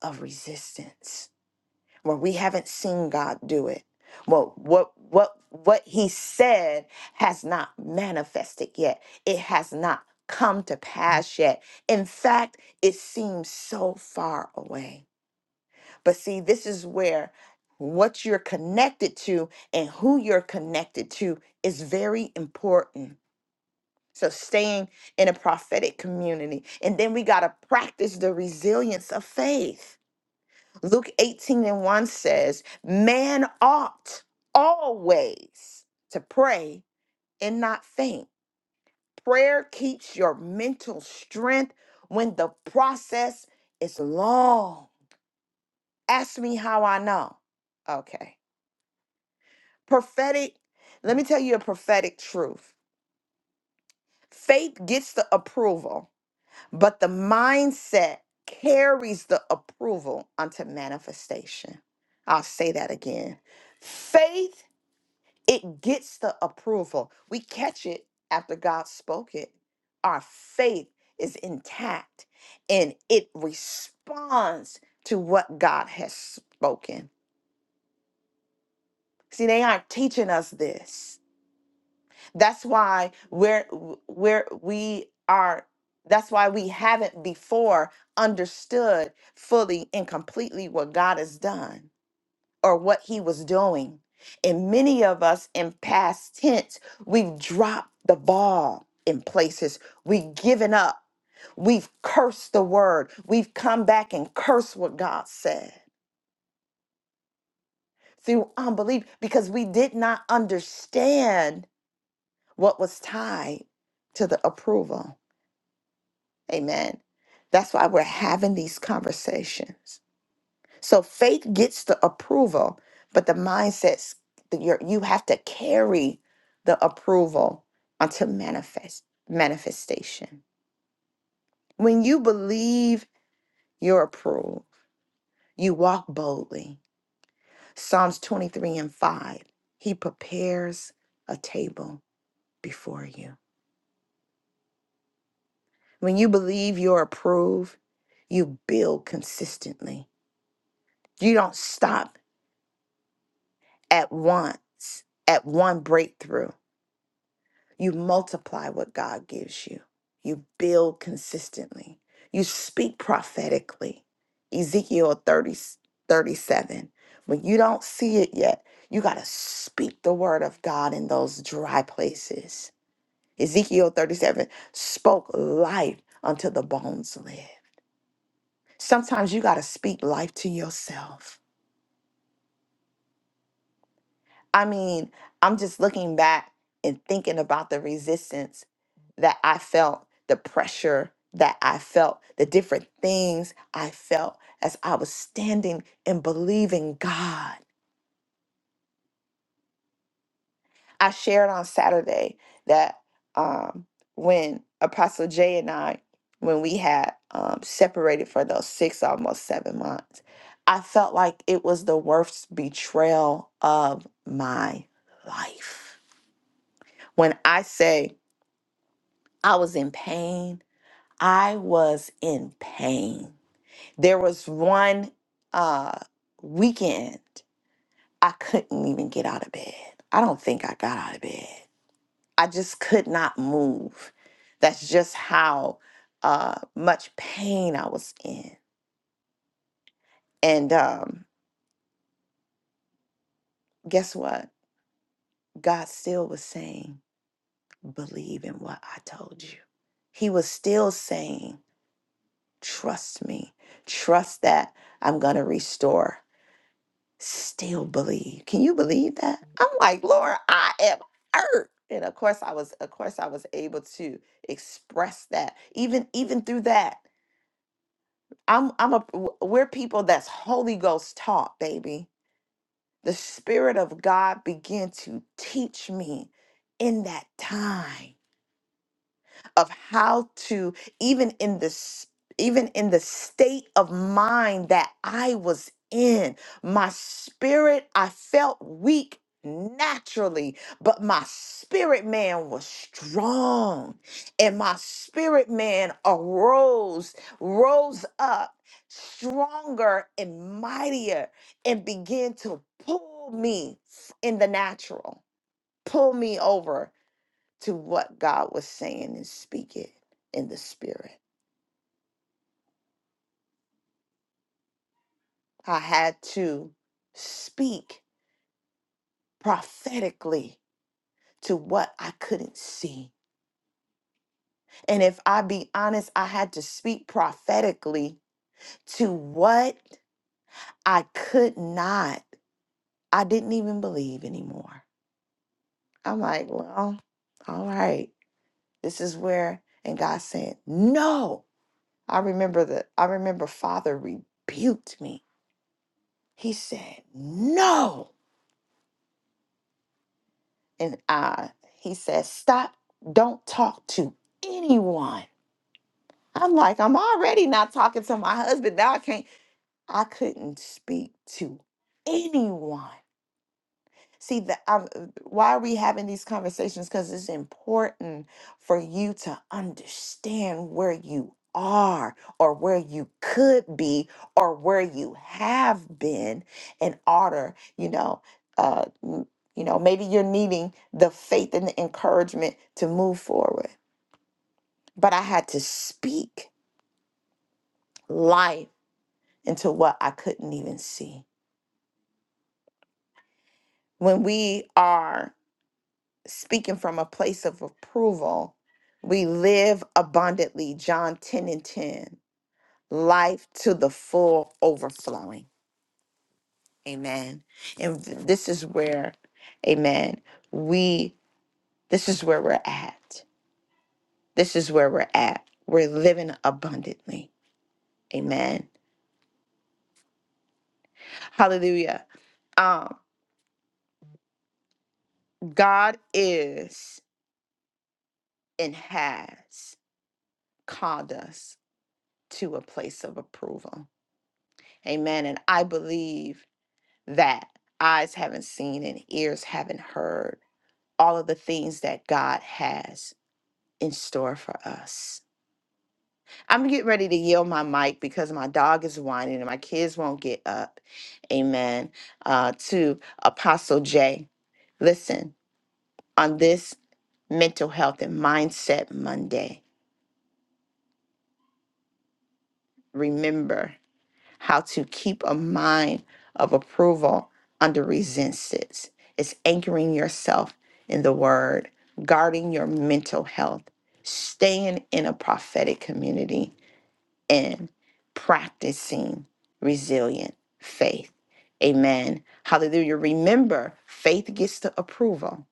[SPEAKER 1] of resistance where we haven't seen God do it. Well, what what what he said has not manifested yet. It has not come to pass yet. In fact, it seems so far away. But see, this is where what you're connected to and who you're connected to is very important. So, staying in a prophetic community. And then we got to practice the resilience of faith. Luke 18 and 1 says, Man ought always to pray and not faint. Prayer keeps your mental strength when the process is long. Ask me how I know. Okay. prophetic let me tell you a prophetic truth faith gets the approval but the mindset carries the approval unto manifestation i'll say that again faith it gets the approval we catch it after god spoke it our faith is intact and it responds to what god has spoken see they aren't teaching us this That's why we're we're we are that's why we haven't before understood fully and completely what God has done or what he was doing. And many of us in past tense, we've dropped the ball in places. We've given up. We've cursed the word. We've come back and cursed what God said through unbelief because we did not understand what was tied to the approval. Amen. That's why we're having these conversations. So faith gets the approval, but the mindsets that you're, you have to carry the approval until manifest manifestation. When you believe you're approved, you walk boldly. Psalms 23 and 5, he prepares a table before you. When you believe you're approved, you build consistently. You don't stop at once, at one breakthrough. You multiply what God gives you, you build consistently, you speak prophetically. Ezekiel 30 37. When you don't see it yet, you got to speak the word of God in those dry places. Ezekiel 37 spoke life unto the bones live. Sometimes you got to speak life to yourself. I mean, I'm just looking back and thinking about the resistance that I felt, the pressure that I felt, the different things I felt as I was standing and believing God. I shared on Saturday that um, when Apostle Jay and I, when we had um, separated for those six, almost seven months, I felt like it was the worst betrayal of my life. When I say, I was in pain. I was in pain. There was one uh, weekend I couldn't even get out of bed. I don't think I got out of bed. I just could not move. That's just how uh, much pain I was in. And um, guess what? God still was saying, believe in what I told you. He was still saying, trust me, trust that I'm going to restore. still believe. Can you believe that? I'm like, Lord, I am hurt. And of course I was of course I was able to express that. Even even through that. I'm I'm a w- we're people that's Holy Ghost taught, baby. The Spirit of God began to teach me in that time. of how to even in this even in the state of mind that I was in my spirit I felt weak naturally but my spirit man was strong and my spirit man arose rose up stronger and mightier and began to pull me in the natural pull me over to what God was saying and speak it in the spirit. I had to speak prophetically to what I couldn't see. And if I be honest, I had to speak prophetically to what I could not, I didn't even believe anymore. I'm like, well, all right. This is where, and God said, no. I remember that. I remember Father rebuked me. He said, no. and I, he says, Stop, don't talk to anyone. I'm like, I'm already not talking to my husband. Now I can't, I couldn't speak to anyone. See that I'm, why are we having these conversations? Because it's important for you to understand where you are, or where you could be, or where you have been, in order, you know, uh, m- you know, maybe you're needing the faith and the encouragement to move forward. But I had to speak life into what I couldn't even see. When we are speaking from a place of approval, we live abundantly. John 10 and 10, life to the full overflowing. Amen. And th- this is where, amen, we, this is where we're at. This is where we're at. We're living abundantly. Amen. Hallelujah. Um, God is and has called us to a place of approval. Amen. And I believe that eyes haven't seen and ears haven't heard all of the things that God has in store for us. I'm getting ready to yield my mic because my dog is whining and my kids won't get up. Amen. Uh, to Apostle J. Listen, on this Mental Health and Mindset Monday, remember. how to keep a mind of approval under resistance. It's anchoring yourself in the word, guarding your mental health, staying in a prophetic community, and practicing resilient faith. Amen. Hallelujah. Remember, faith gets the approval,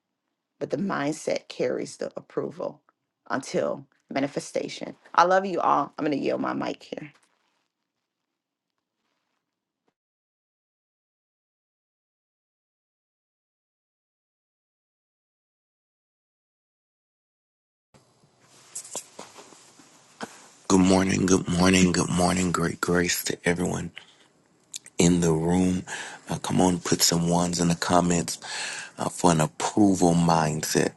[SPEAKER 1] but the mindset carries the approval until manifestation. I love you all. I'm going to yield my mic here.
[SPEAKER 5] Good morning, good morning, good morning. Great grace to everyone in the room. Uh, come on, put some ones in the comments uh, for an approval mindset.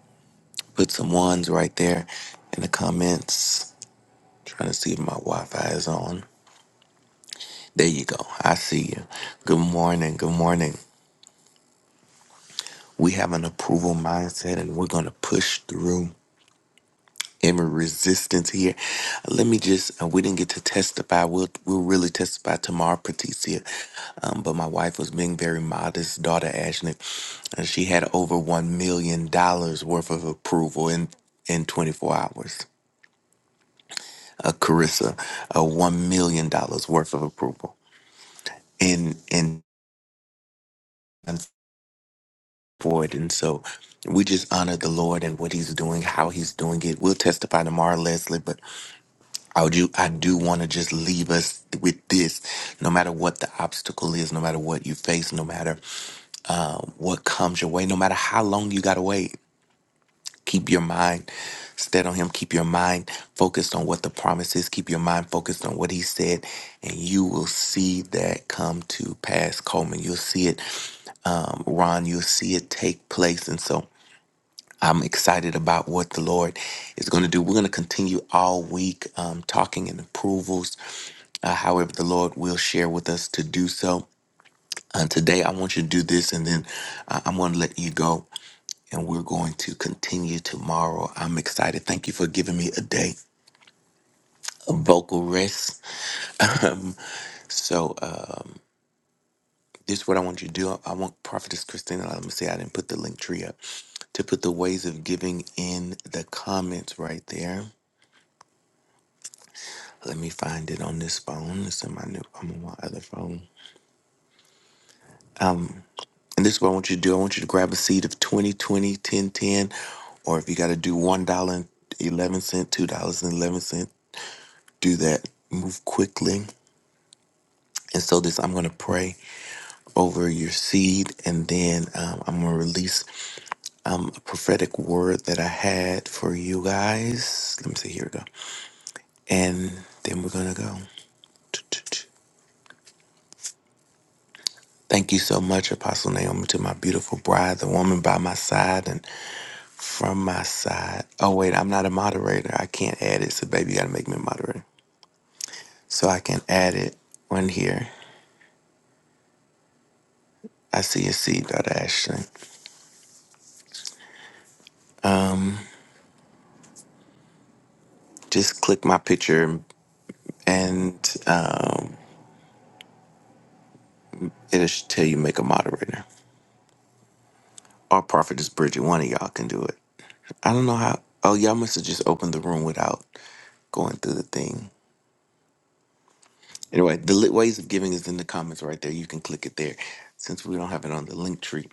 [SPEAKER 5] Put some ones right there in the comments. Trying to see if my Wi Fi is on. There you go. I see you. Good morning, good morning. We have an approval mindset and we're going to push through. am resistance here. Let me just, uh, we didn't get to testify. We'll, we'll really testify tomorrow, Patricia. Um, but my wife was being very modest, daughter Ashley, and she had over $1 million dollars worth of approval in, in 24 hours. Uh, Carissa, uh, $1 million dollars worth of approval in, in for it. And so we just honor the Lord and what he's doing, how he's doing it. We'll testify tomorrow, Leslie, but I do, I do want to just leave us with this. No matter what the obstacle is, no matter what you face, no matter um, what comes your way, no matter how long you got to wait, keep your mind stead on Him. Keep your mind focused on what the promise is. Keep your mind focused on what He said, and you will see that come to pass, Coleman. You'll see it, um, Ron. You'll see it take place. And so I'm excited about what the Lord is going to do. We're going to continue all week um, talking and approvals, uh, however, the Lord will share with us to do so. Uh, today, I want you to do this, and then uh, I'm going to let you go, and we're going to continue tomorrow. I'm excited. Thank you for giving me a day of vocal rest. Um, so, uh, this is what I want you to do. I want Prophetess Christina, let me say I didn't put the link tree up, to put the ways of giving in the comments right there Let me find it on this phone. It's in my new, I'm on my other phone. And this is what I want you to do. I want you to grab a seed of 20 20 10 10, or if you got to do $1.11, $2.11, do that. Move quickly. And so this, I'm going to pray over your seed, and then um, I'm going to release um, a prophetic word that I had for you guys. Let me see, here we go. And then we're going to go. Thank you so much, Apostle Naomi, to my beautiful bride, the woman by my side. and. From my side. Oh, wait, I'm not a moderator. I can't add it. So, baby, you gotta make me a moderator. So I can add it on here. I see a seed, Dr. Ashley. Just click my picture and um, it'll sh- tell you make a moderator. Or Prophetess Bridget, one of y'all can do it. I don't know how. Oh, y'all must have just opened the room without going through the thing. Anyway, the li- ways of giving is in the comments right there. You can click it there. Since we don't have it on the link tree,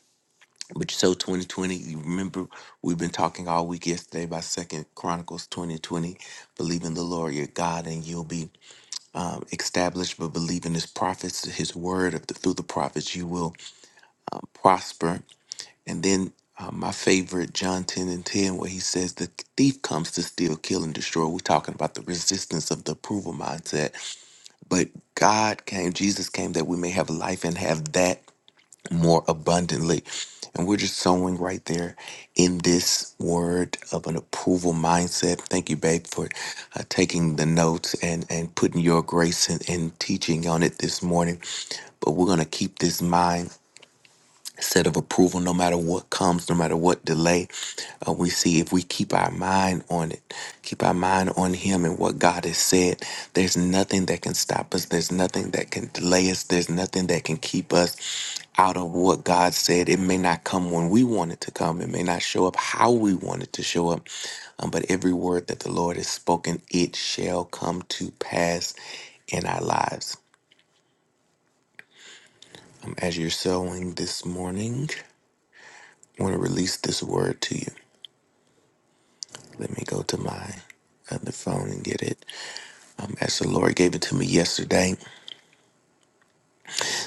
[SPEAKER 5] But so 2020, you remember we've been talking all week yesterday about Second Chronicles 2020. Believe in the Lord your God and you'll be um, established, but believe in his prophets, his word of the, through the prophets, you will um, prosper. And then uh, my favorite, John 10 and 10, where he says the thief comes to steal, kill, and destroy. We're talking about the resistance of the approval mindset. But God came, Jesus came that we may have life and have that more abundantly. And we're just sowing right there in this word of an approval mindset. Thank you, babe, for uh, taking the notes and, and putting your grace and, and teaching on it this morning. But we're going to keep this mind set of approval no matter what comes no matter what delay uh, we see if we keep our mind on it keep our mind on him and what god has said there's nothing that can stop us there's nothing that can delay us there's nothing that can keep us out of what god said it may not come when we want it to come it may not show up how we want it to show up um, but every word that the lord has spoken it shall come to pass in our lives um, as you're sowing this morning i want to release this word to you Let me go to my other phone and get it. Um, as the Lord gave it to me yesterday,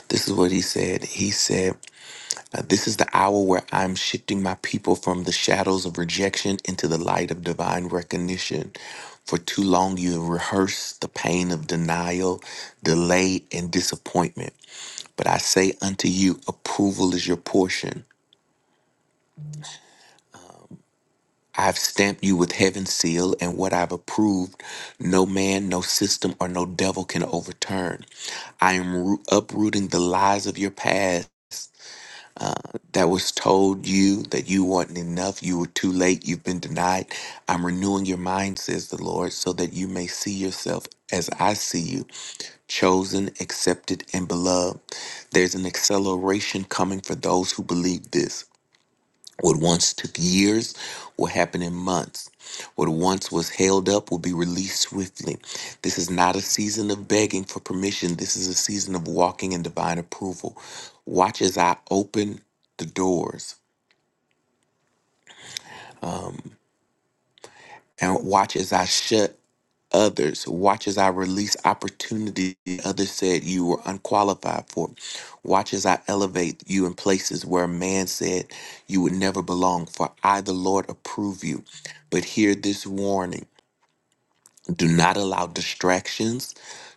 [SPEAKER 5] this is what He said. He said, uh, This is the hour where I'm shifting my people from the shadows of rejection into the light of divine recognition. For too long, you have rehearsed the pain of denial, delay, and disappointment. But I say unto you, approval is your portion. I've stamped you with heaven's seal, and what I've approved, no man, no system, or no devil can overturn. I am roo- uprooting the lies of your past that was told you that you weren't enough, you were too late, you've been denied. I'm renewing your mind, says the Lord, so that you may see yourself as I see you, chosen, accepted, and beloved. There's an acceleration coming for those who believe this. What once took years will happen in months. What once was held up will be released swiftly. This is not a season of begging for permission. This is a season of walking in divine approval. Watch as I open the doors And watch as I shut others. Watch as I release opportunity others said you were unqualified for. Watch as I elevate you in places where a man said you would never belong, for I, the Lord, approve you. But hear this warning do not allow distractions,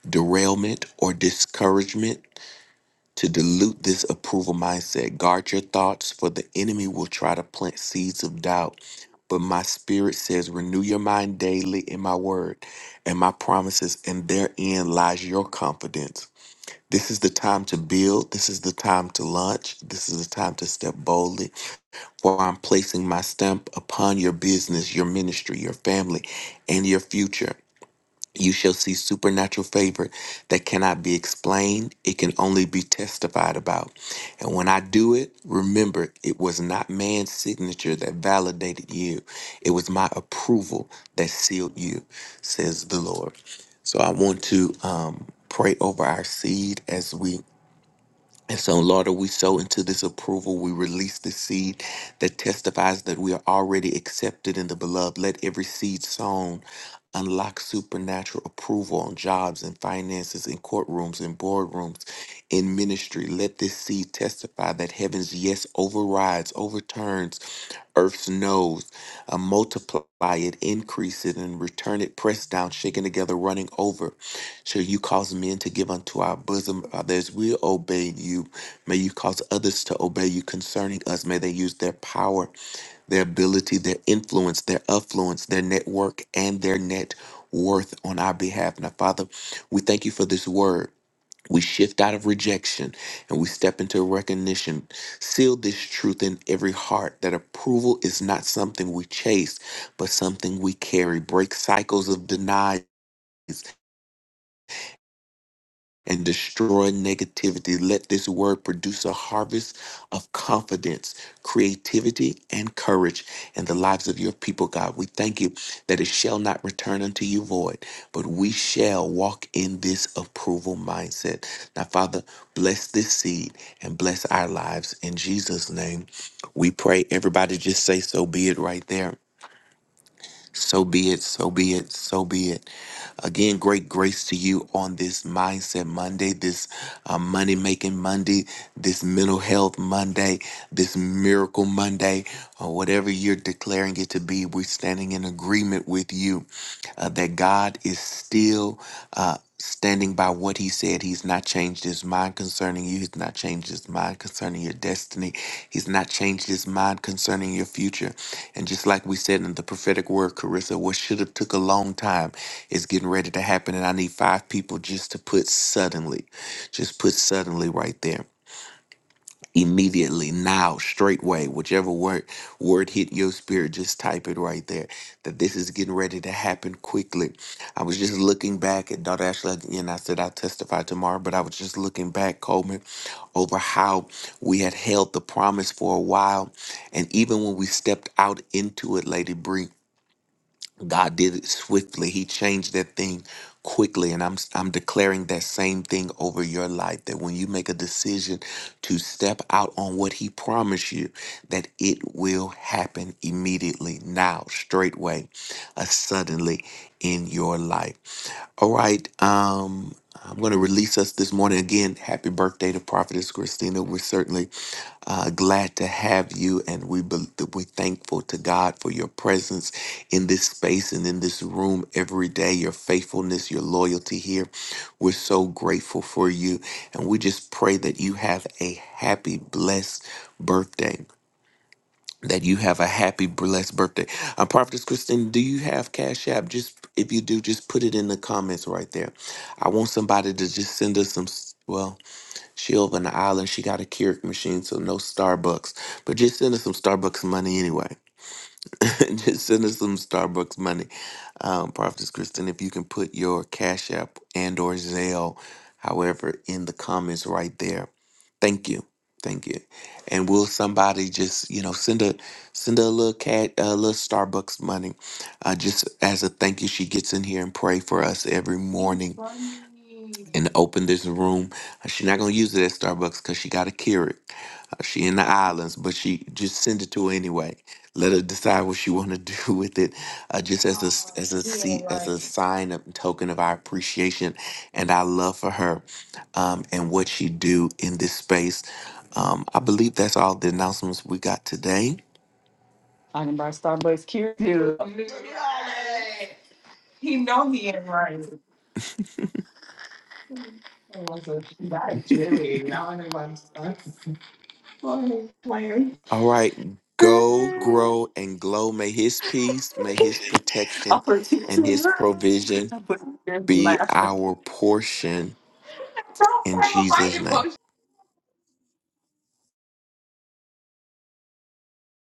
[SPEAKER 5] derailment, or discouragement to dilute this approval mindset. Guard your thoughts, for the enemy will try to plant seeds of doubt. But my spirit says, renew your mind daily in my word and my promises, and therein lies your confidence. This is the time to build. This is the time to launch. This is the time to step boldly. For I'm placing my stamp upon your business, your ministry, your family, and your future. You shall see supernatural favor that cannot be explained. It can only be testified about. And when I do it, remember, it was not man's signature that validated you. It was my approval that sealed you, says the Lord. So I want to um, pray over our seed as we and so, Lord, we sow into this approval. We release the seed that testifies that we are already accepted in the beloved. Let every seed sown unlock supernatural approval on jobs and finances, in courtrooms and boardrooms, in ministry. Let this seed testify that heaven's yes overrides, overturns earth's nose. Uh, multiply it, increase it, and return it pressed down, shaken together, running over. Shall you cause men to give unto our bosom others? We obey you. May you cause others to obey you concerning us. May they use their power, their ability, their influence, their affluence, their network, and their net worth on our behalf. Now, Father, we thank you for this word. We shift out of rejection and we step into recognition. Seal this truth in every heart that approval is not something we chase, but something we carry. Break cycles of denial and destroy negativity. Let this word produce a harvest of confidence, creativity, and courage in the lives of your people, God. We thank you that it shall not return unto you void, but we shall walk in this approval mindset. Now, Father, bless this seed and bless our lives. In Jesus' name, we pray. Everybody just say, So be it right there. So be it, so be it, so be it. Again, great grace to you on this Mindset Monday, this uh, Money Making Monday, this Mental Health Monday, this Miracle Monday, or whatever you're declaring it to be. We're standing in agreement with you uh, that God is still. Uh, Standing by what he said, he's not changed his mind concerning you. He's not changed his mind concerning your destiny. He's not changed his mind concerning your future. And just like we said in the prophetic word, Carissa, what should have took a long time is getting ready to happen. And I need five people just to put suddenly, just put suddenly right there immediately now straightway whichever word word hit your spirit just type it right there that this is getting ready to happen quickly i was just looking back at dr ashley and i said i'll testify tomorrow but i was just looking back coleman over how we had held the promise for a while and even when we stepped out into it lady Bree. God did it swiftly. He changed that thing quickly. And I'm I'm declaring that same thing over your life. That when you make a decision to step out on what he promised you, that it will happen immediately, now, straightway, uh, suddenly in your life. All right. Um I'm going to release us this morning. Again, happy birthday to Prophetess Christina. We're certainly uh, glad to have you, and we bel we're thankful to God for your presence in this space and in this room every day. Your faithfulness, your loyalty here. We're so grateful for you, and we just pray that you have a happy, blessed birthday. That you have a happy, blessed birthday. Uh, Prophetess Christine, do you have Cash App? Just if you do, just put it in the comments right there. I want somebody to just send us some. s- Well. She over in the island. She got a Keurig machine, so no Starbucks. But just send us some Starbucks money anyway. just send us some Starbucks money, um, Prophetess Kristen. If you can put your Cash App and or Zelle, however, in the comments right there. Thank you, thank you. And will somebody just you know send a send her a little cat a little Starbucks money, uh, just as a thank you? She gets in here and pray for us every
[SPEAKER 2] He's
[SPEAKER 5] morning
[SPEAKER 2] funny.
[SPEAKER 5] and open this room. She's not gonna use it at Starbucks because she gotta carry it. Uh, She in the islands, but she just send it to her anyway. Let her decide what she want to do with it, uh, just as a s- as a
[SPEAKER 2] He ain't
[SPEAKER 5] se- as a
[SPEAKER 2] right.
[SPEAKER 5] sign of token of our appreciation and our love for her, um, and what she do in this space. Um, I believe that's all the announcements we got today.
[SPEAKER 2] I can buy Starbucks cure Right. He know he ain't right. I was like, "That's Jerry. I don't know why i Boy, player.
[SPEAKER 5] All right, go grow
[SPEAKER 2] Opportunity.
[SPEAKER 5] and glow. May His peace, may His protection, and His provision
[SPEAKER 2] I a in
[SPEAKER 5] be
[SPEAKER 2] laughter.
[SPEAKER 5] our portion in Jesus' name.